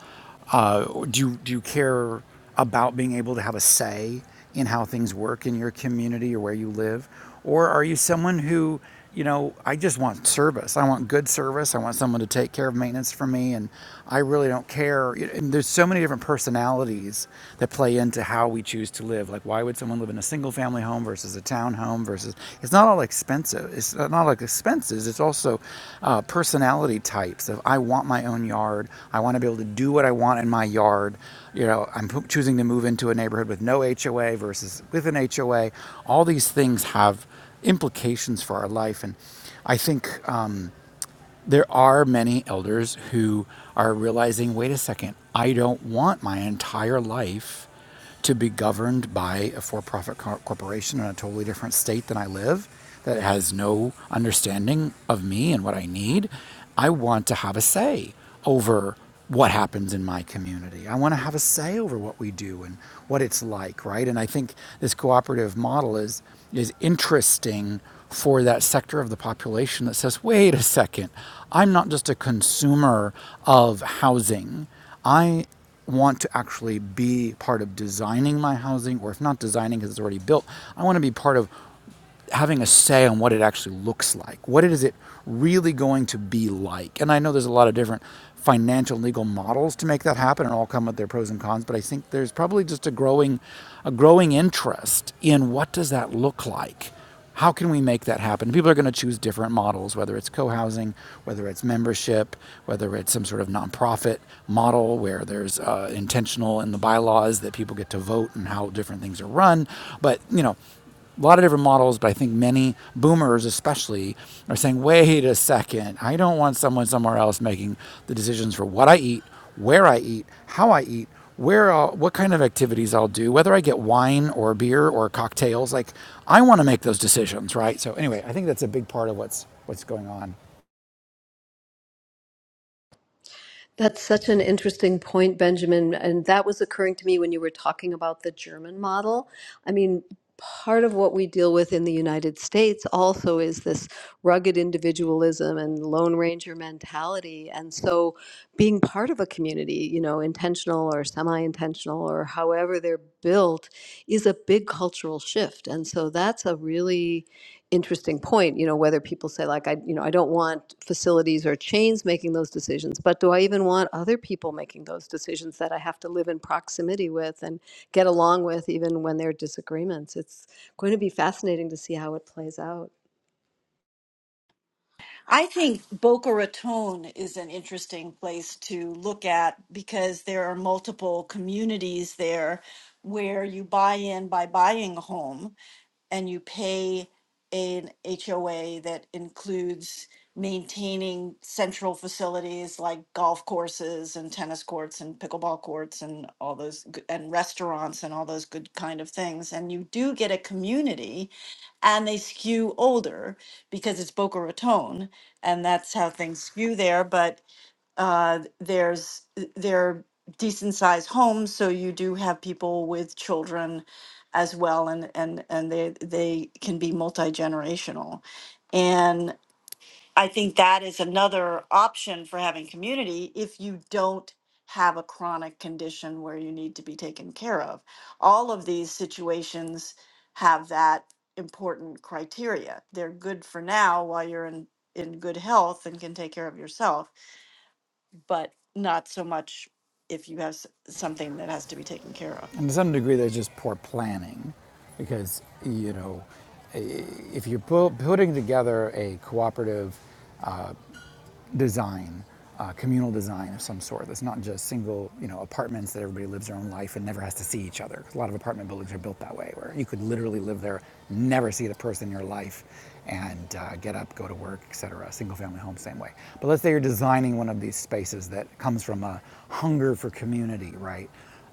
uh, do you do you care about being able to have a say in how things work in your community or where you live? Or are you someone who, you know, I just want service. I want good service. I want someone to take care of maintenance for me, and I really don't care. And there's so many different personalities that play into how we choose to live. Like, why would someone live in a single family home versus a a townhome versus it's not all expensive. It's not like expenses. It's also uh, personality types of I want my own yard. I want to be able to do what I want in my yard. You know, I'm choosing to move into a neighborhood with no HOA versus with an HOA. All these things have implications for our life, and I think. Um, there are many elders who are realizing wait a second, I don't want my entire life to be governed by a for profit cor- corporation in a totally different state than I live that has no understanding of me and what I need. I want to have a say over what happens in my community. I want to have a say over what we do and what it's like, right? And I think this cooperative model is is interesting for that sector of the population that says, "Wait a second. I'm not just a consumer of housing. I want to actually be part of designing my housing or if not designing because it's already built, I want to be part of having a say on what it actually looks like. What is it really going to be like? And I know there's a lot of different financial legal models to make that happen and all come with their pros and cons, but I think there's probably just a growing a growing interest in what does that look like? How can we make that happen? People are going to choose different models, whether it's co-housing, whether it's membership, whether it's some sort of nonprofit model where there's uh, intentional in the bylaws that people get to vote and how different things are run. But you know, a lot of different models, but I think many boomers, especially, are saying, wait a second, I don't want someone somewhere else making the decisions for what I eat, where I eat, how I eat, where I'll, what kind of activities I'll do, whether I get wine or beer or cocktails. Like, I want to make those decisions, right? So, anyway, I think that's a big part of what's, what's going on.
That's such an interesting point, Benjamin. And that was occurring to me when you were talking about the German model. I mean, part of what we deal with in the United States also is this rugged individualism and Lone Ranger mentality. And so being part of a community, you know, intentional or semi intentional or however they're built, is a big cultural shift. And so that's a really interesting point, you know, whether people say like, I, you know, I don't want facilities or chains making those decisions, but do I even want other people making those decisions that I have to live in proximity with and get along with even when there are disagreements? It's going to be fascinating to see how it plays out.
I think Boca Raton is an interesting place to look at because there are multiple communities there where you buy in by buying a home and you pay an HOA that includes maintaining central facilities like golf courses and tennis courts and pickleball courts and all those g- and restaurants and all those good kind of things and you do get a community and they skew older because it's Boca Raton, and that's how things skew there. But uh, there's they're decent sized homes, so you do have people with children as well, and and and they they can be multi generational, and I think that is another option for having community if you don't have a chronic condition where you need to be taken care of. All of these situations have that important criteria. They're good for now while you're in, in good health and can take care of yourself, but not so much if you have s- something that has to be taken care of.
And to some degree, there's just poor planning because, you know, if you're putting together a cooperative uh, design, uh, communal design of some sort. That's not just single, you know, apartments that everybody lives their own life and never has to see each other. A lot of apartment buildings are built that way, where you could literally live there, never see the person in your life, and uh, get up, go to work, etc. Single-family home, same way. But let's say you're designing one of these spaces that comes from a hunger for community, right?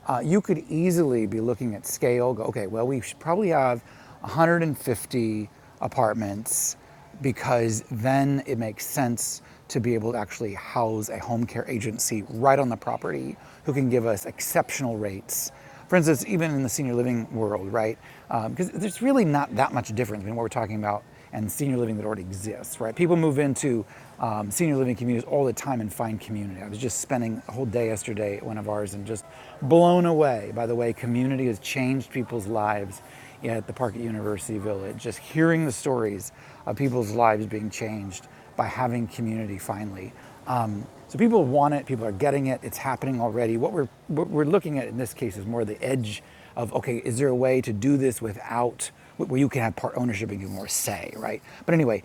uh, you could easily be looking at scale. Go, okay, well, we should probably have 150 apartments because then it makes sense to be able to actually house a home care agency right on the property who can give us exceptional rates. For instance, even in the senior living world, right? Um, Because there's really not that much difference between what we're talking about and senior living that already exists, right? People move into um, senior living communities all the time and find community. I was just spending a whole day yesterday at one of ours and just blown away by the way community has changed people's lives at the park at University Village, just hearing the stories of people's lives being changed by having community finally. Um, so people want it, people are getting it, it's happening already. What we're, what we're looking at in this case is more the edge of okay, is there a way to do this without where you can have part ownership and give more say, right? But anyway,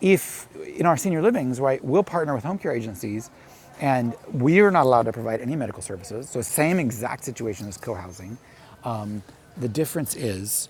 if in our senior livings, right, we'll partner with home care agencies and we are not allowed to provide any medical services. So same exact situation as co-housing. The difference is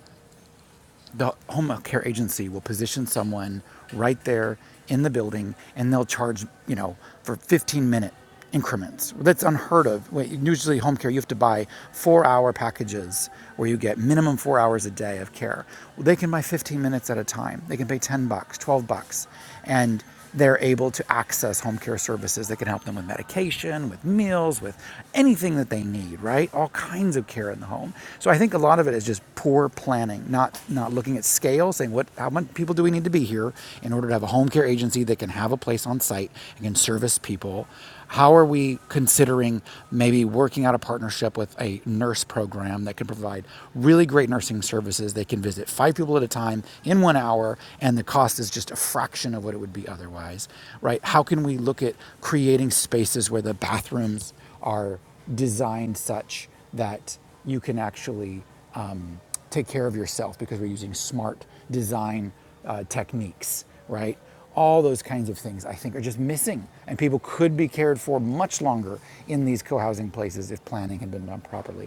the home care agency will position someone right there in the building and they'll charge, you know, for 15 minute increments. That's unheard of. Well, Usually, home care, you have to buy four hour packages where you get minimum four hours a day of care. Well, they can buy 15 minutes at a time. They can pay 10 bucks, 12 bucks. And they're able to access home care services that can help them with medication, with meals, with anything that they need, right? All kinds of care in the home. So I think a lot of it is just poor planning, not not looking at scale, saying what how many people do we need to be here in order to have a home care agency that can have a place on site and can service people how are we considering maybe working out a partnership with a nurse program that can provide really great nursing services? They can visit five people at a time in one hour, and the cost is just a fraction of what it would be otherwise, right? How can we look at creating spaces where the bathrooms are designed such that you can actually um, take care of yourself because we're using smart design uh, techniques, right? All those kinds of things I think are just missing, and people could be cared for much longer in these co housing places if planning had been done properly.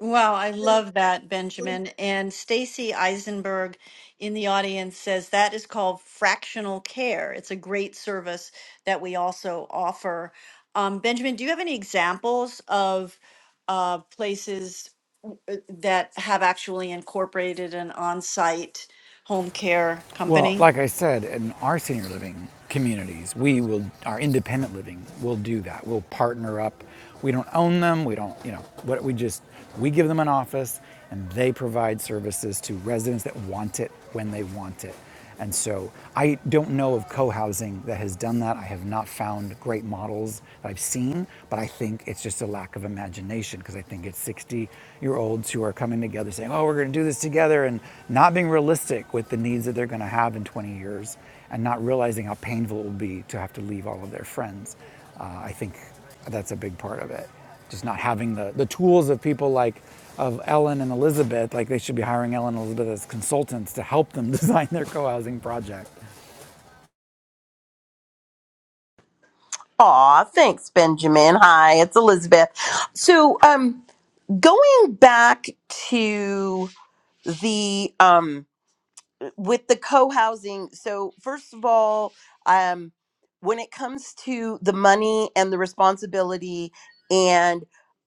Wow, I love that, Benjamin. And Stacy Eisenberg in the audience says that is called fractional care. It's a great service that we also offer. Um, Benjamin, do you have any examples of uh, places w- uh, that have actually incorporated an on-site home care
Well,
company?
like I said, in our senior living communities, we will, our independent living will do that. We'll partner up. We don't own them. We don't, you know, what we just, we give them an office and they provide services to residents that want it when they want it. And so I don't know of co housing that has done that. I have not found great models that I've seen, but I think it's just a lack of imagination imagination because I think it's 60 year olds who are coming together saying, oh, we're going to do this together and not being realistic with the needs that they're going to have in 20 years and not realizing how painful it will be to have to leave all of their friends. Uh, I think that's a big part of it. Just not having the, the tools of people like of Ellen and Elizabeth, like they should be hiring Ellen and Elizabeth as consultants to help them design their co housing project.
Aw, thanks, Benjamin. Hi, it's Elizabeth. So, um, going back to the um, with the co-housing so first of all um when it comes to the money and the responsibility and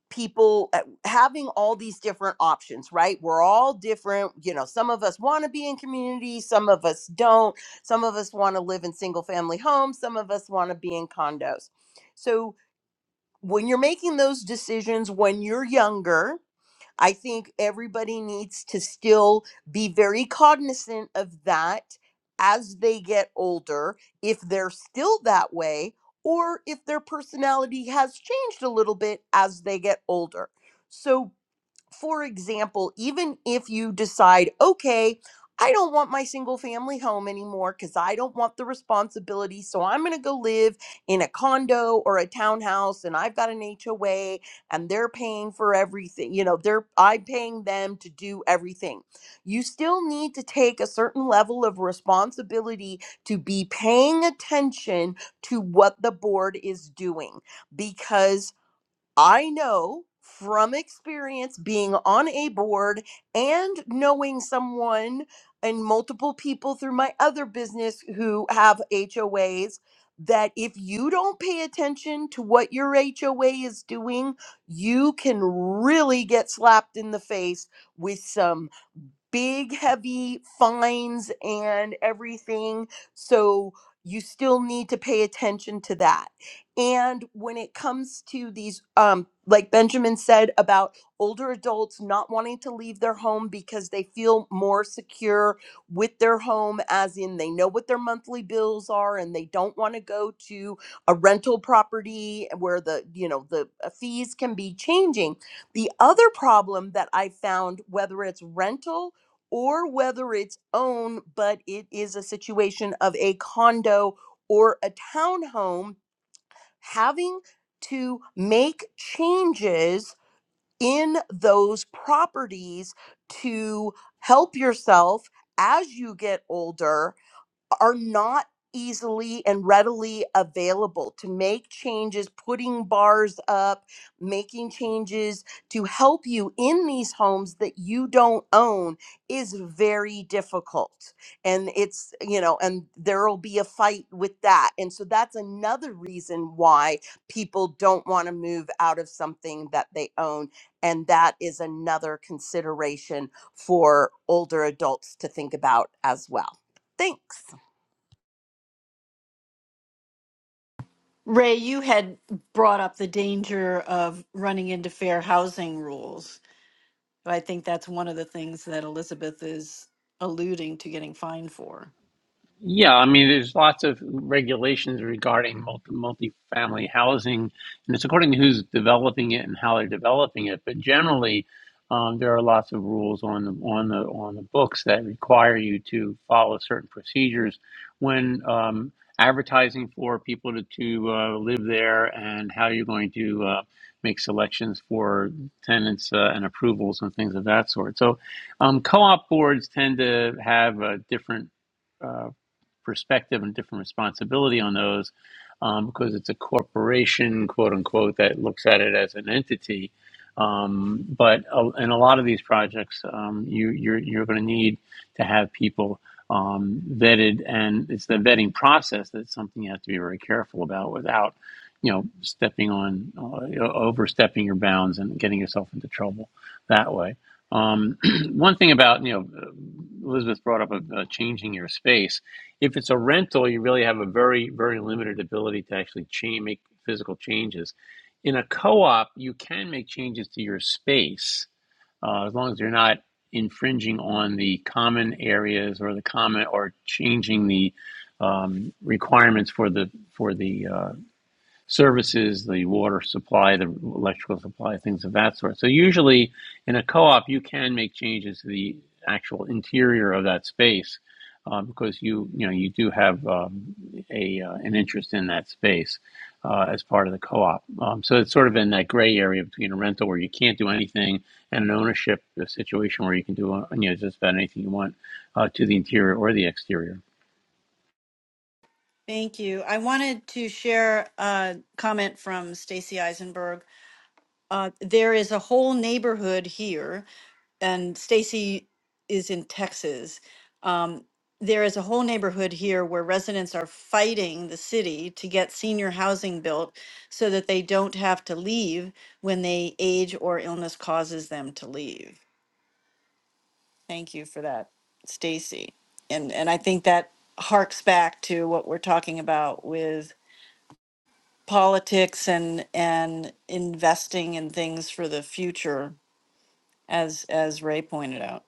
people uh, having all these different options right we're all different you know some of us want to be in community some of us don't some of us want to live in single family homes some of us want to be in condos so when you're making those decisions when you're younger I think everybody needs to still be very cognizant of that as they get older, if they're still that way, or if their personality has changed a little bit as they get older. So for example, even if you decide, okay, I don't want my single family home anymore because I don't want the responsibility. So I'm going to go live in a condo or a townhouse and I've got an HOA and they're paying for everything. You know, they're, I'm paying them to do everything. You still need to take a certain level of responsibility to be paying attention to what the board is doing because I know from experience being on a board and knowing someone and multiple people through my other business who have HOAs that if you don't pay attention to what your HOA is doing, you can really get slapped in the face with some big, heavy fines and everything. So you still need to pay attention to that. And when it comes to these, um, like Benjamin said about older adults not wanting to leave their home because they feel more secure with their home, as in they know what their monthly bills are and they don't want to go to a rental property where the, you know, the uh, fees can be changing. The other problem that I found, whether it's rental or whether it's own, but it is a situation of a condo or a townhome, having to make changes in those properties to help yourself as you get older are not easily and readily available to make changes, putting bars up, making changes to help you in these homes that you don't own is very difficult. And it's, you know, and there will be a fight with that. And so that's another reason why people don't want to move out of something that they own. And that is another consideration for older adults to think about as well. Thanks.
Ray, you had brought up the danger of running into fair housing rules. So I think that's one of the things that Elizabeth is alluding to getting fined for.
Yeah, I mean, there's lots of regulations regarding multi multifamily housing, and it's according to who's developing it and how they're developing it. But generally, um, there are lots of rules on the on the on the books that require you to follow certain procedures when um, advertising for people to to uh, live there and how you're going to uh, make selections for tenants uh, and approvals and things of that sort. So, um, co-op boards tend to have uh, different uh, perspective and different responsibility on those um, because it's a corporation, quote unquote, that looks at it as an entity. Um, but uh, in a lot of these projects, um, you, you're, you're going to need to have people um, vetted, and it's the vetting process that's something you have to be very careful about without, you know, stepping on, uh, overstepping your bounds and getting yourself into trouble that way. Um, one thing about, you know, Elizabeth brought up uh, changing your space if it's a rental, you really have a very, very limited ability to actually change, make physical changes. In a co-op, you can make changes to your space uh, as long as you're not infringing on the common areas or the common or changing the um, requirements for the for the uh, services, the water supply, the electrical supply, things of that sort. So usually in a co-op, you can make changes to the actual interior of that space um, because you you know you do have um, a uh, an interest in that space uh, as part of the co-op. Um, so it's sort of in that gray area between a rental where you can't do anything and an ownership situation where you can do uh, you know just about anything you want uh, to the interior or the exterior.
Thank you. I wanted to share a comment from Stacy Eisenberg. Uh, there is a whole neighborhood here, and Stacy is in Texas. Um, there is a whole neighborhood here where residents are fighting the city to get senior housing built so that they don't have to leave when they age or illness causes them to leave. Thank you for that, Stacy. And and I think that harks back to what we're talking about with politics and and investing in things for the future, as as Ray pointed out.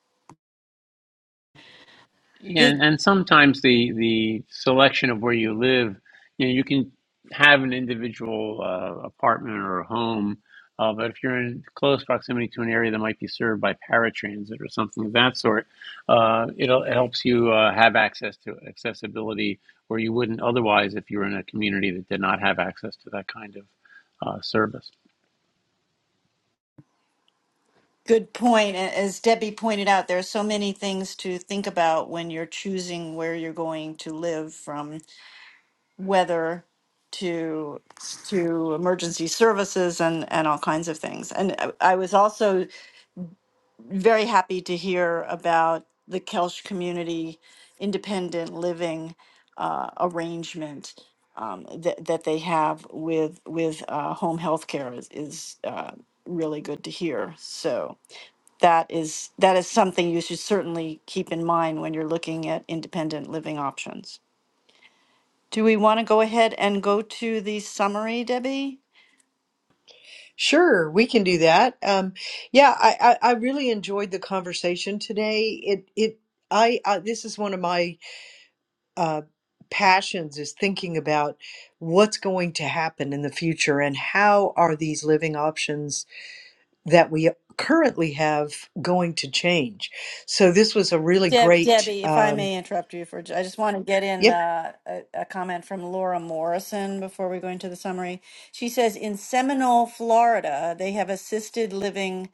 Yeah,
Good,
and and sometimes the the selection of where you live, you know, you can have an individual uh, apartment or a home, uh, but if you're in close proximity to an area that might be served by paratransit or something of that sort, uh, it'll, it helps you uh, have access to accessibility where you wouldn't otherwise if you were in a community that did not have access to that kind of uh, service.
good point. A- As Debbie pointed out, there are so many things to think about when you're choosing where you're going to live, from weather to to emergency services and and all kinds of things. And I I was also very happy to hear about the Kelsh community independent living uh, arrangement um, that that they have with with uh, home health care is, is uh, really good to hear. So that is that is something you should certainly keep in mind when you're looking at independent living options. Do we want to go ahead and go to the summary, Debbie?
Sure, we can do that. Um, yeah, I, I, I really enjoyed the conversation today. It it I, I this is one of my uh, passions is thinking about what's going to happen in the future and how are these living options that we currently have going to change. So this was a really
Deb,
great.
Debbie, if I
Um,
may interrupt you for, I just want to get in
Yep.
uh, a, a comment from Laura Morrison before we go into the summary. She says in Seminole, Florida, they have assisted living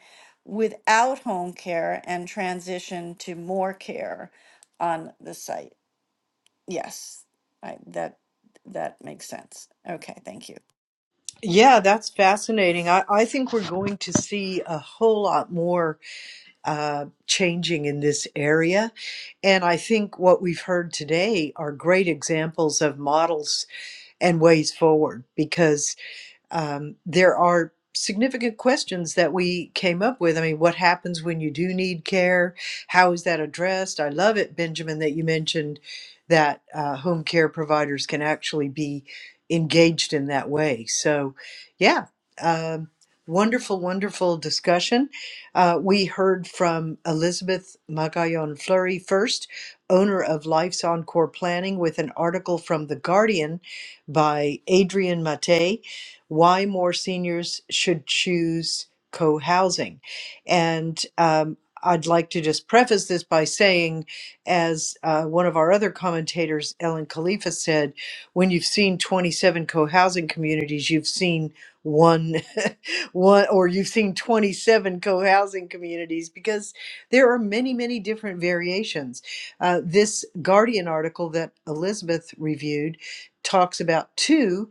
without home care and transition to more care on the site. Yes, I, that that makes sense. Okay, thank you.
Yeah, that's fascinating. I, I think we're going to see a whole lot more uh, changing in this area. And I think what we've heard today are great examples of models and ways forward because um, there are significant questions that we came up with. I mean, what happens when you do need care? How is that addressed? I love it, Benjamin, that you mentioned that uh, home care providers can actually be engaged in that way. So, yeah, um, wonderful, wonderful discussion. Uh, we heard from Elizabeth Magallon Fleury first, owner of Life's Encore Planning, with an article from The Guardian by Adrian Mate why more seniors should choose co housing. And um, I'd like to just preface this by saying, as uh, one of our other commentators, Ellen Khalifa, said, when you've seen 27 co housing communities, you've seen one, one, or you've seen 27 co housing communities because there are many, many different variations. Uh, this Guardian article that Elizabeth reviewed talks about two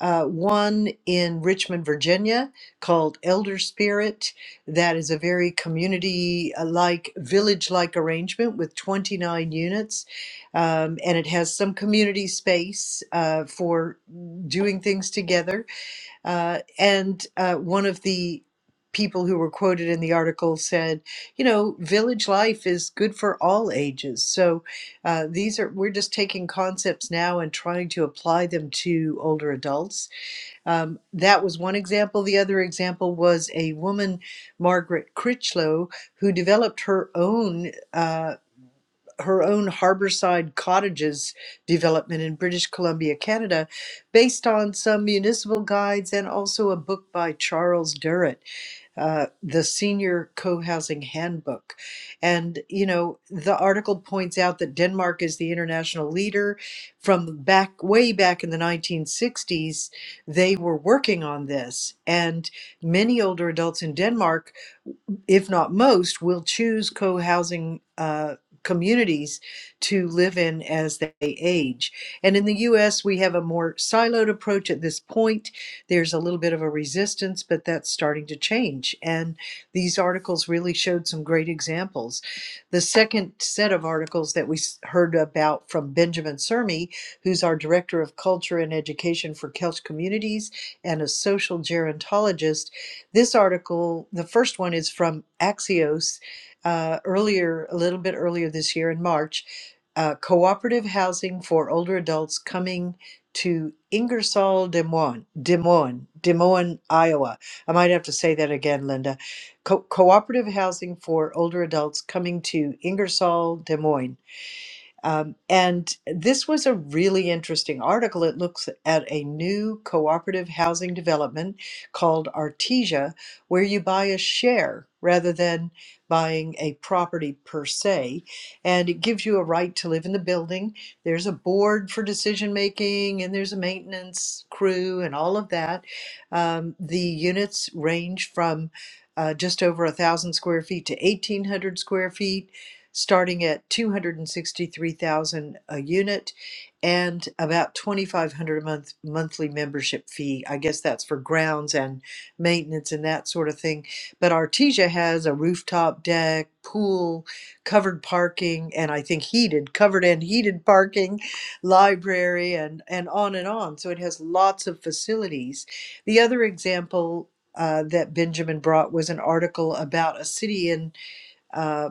uh, one in Richmond, Virginia, called Elder Spirit. That is a very community like, village like arrangement with 29 units. Um, and it has some community space uh, for doing things together. Uh, and uh, one of the people who were quoted in the article said, you know, village life is good for all ages. So uh, these are, we're just taking concepts now and trying to apply them to older adults um, that was one example. The other example was a woman, Margaret Critchlow, who developed her own uh, her own harborside cottages development in British Columbia, Canada, based on some municipal guides and also a book by Charles Durrett uh, the Senior Co Housing Handbook. And, you know, the article points out that Denmark is the international leader. From back, way back in the 1960s, they were working on this. And many older adults in Denmark if not most, will choose co housing uh, communities to live in as they age. And in the US, we have a more siloed approach at this point. There's a little bit of a resistance, but that's starting to change. And these articles really showed some great examples. The second set of articles that we s- heard about from Benjamin Sermi, who's our Director of Culture and Education for Kelch Communities and a social gerontologist this article, the first one is from Axios uh, earlier, a little bit earlier this year in March. Uh, cooperative housing for older adults coming to Ingersoll, Des Moines, Des Moines, Des Moines, Iowa. I might have to say that again, Linda. Co- cooperative housing for older adults coming to Ingersoll, Des Moines. Um, and this was a really interesting article. It looks at a new cooperative housing development called Artesia, where you buy a share rather than buying a property per se. And it gives you a right to live in the building. There's a board for decision making, and there's a maintenance crew, and all of that. Um, the units range from uh, just over a thousand square feet to 1800 square feet starting at 263,000 a unit and about 2500 a month monthly membership fee. I guess that's for grounds and maintenance and that sort of thing. But Artesia has a rooftop deck, pool, covered parking and I think heated, covered and heated parking, library and and on and on. So it has lots of facilities. The other example uh, that Benjamin brought was an article about a city in uh.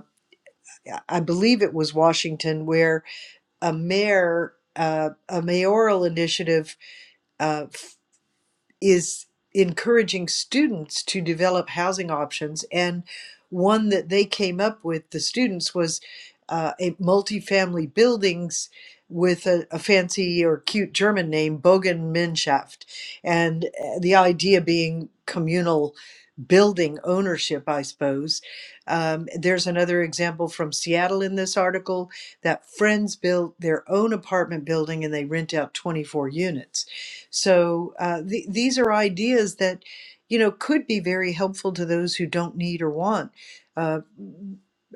I believe it was Washington, where a mayor, uh, a mayoral initiative, uh, is encouraging students to develop housing options. And one that they came up with, the students, was uh, a multifamily buildings with a, a fancy or cute German name, Bogenmenschaft. And uh, the idea being communal building ownership, I suppose. Um, there's another example from Seattle in this article that friends built their own apartment building and they rent out 24 units. So uh, th- these are ideas that you know could be very helpful to those who don't need or want. Uh,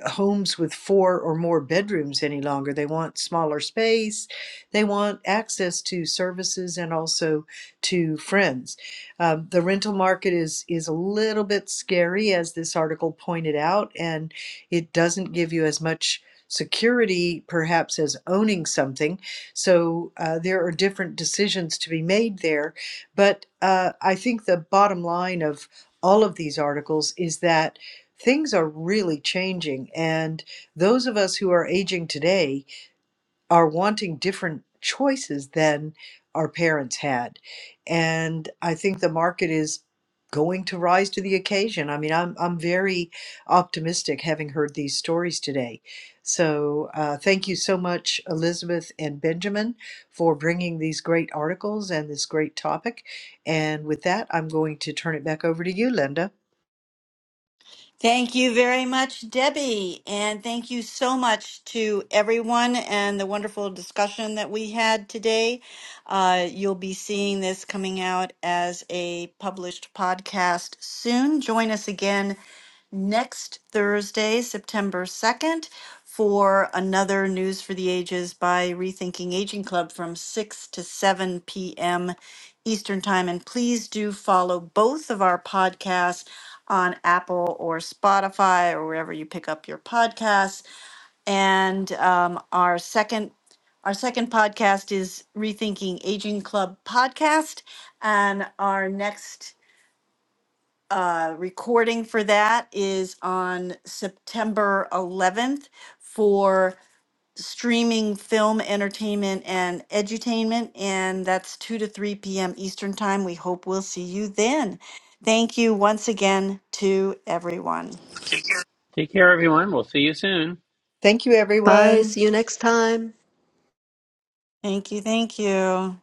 homes with four or more bedrooms any longer. They want smaller space. They want access to services and also to friends. Um, the rental market is is a little bit scary, as this article pointed out, and it doesn't give you as much security perhaps as owning something so uh, there are different decisions to be made there. But uh, I think the bottom line of all of these articles is that things are really changing. And those of us who are aging today, are wanting different choices than our parents had. And I think the market is going to rise to the occasion. I mean, I'm, I'm very optimistic having heard these stories today. So uh, thank you so much, Elizabeth and Benjamin, for bringing these great articles and this great topic. And with that, I'm going to turn it back over to you, Linda.
Thank you very much, Debbie. And thank you so much to everyone and the wonderful discussion that we had today. Uh, you'll be seeing this coming out as a published podcast soon. Join us again next Thursday, September 2nd, for another News for the Ages by Rethinking Aging Club from 6 to 7 p.m. Eastern Time. And please do follow both of our podcasts on Apple or Spotify or wherever you pick up your podcasts. And um, our second our second podcast is Rethinking Aging Club podcast. And our next uh, recording for that is on September 11th for streaming film entertainment and edutainment and that's 2 to 3 p.m eastern time we hope we'll see you then thank you once again to everyone
Take care, everyone. We'll see you soon.
Thank you,
Bye.
everyone.
See you next time.
thank you thank you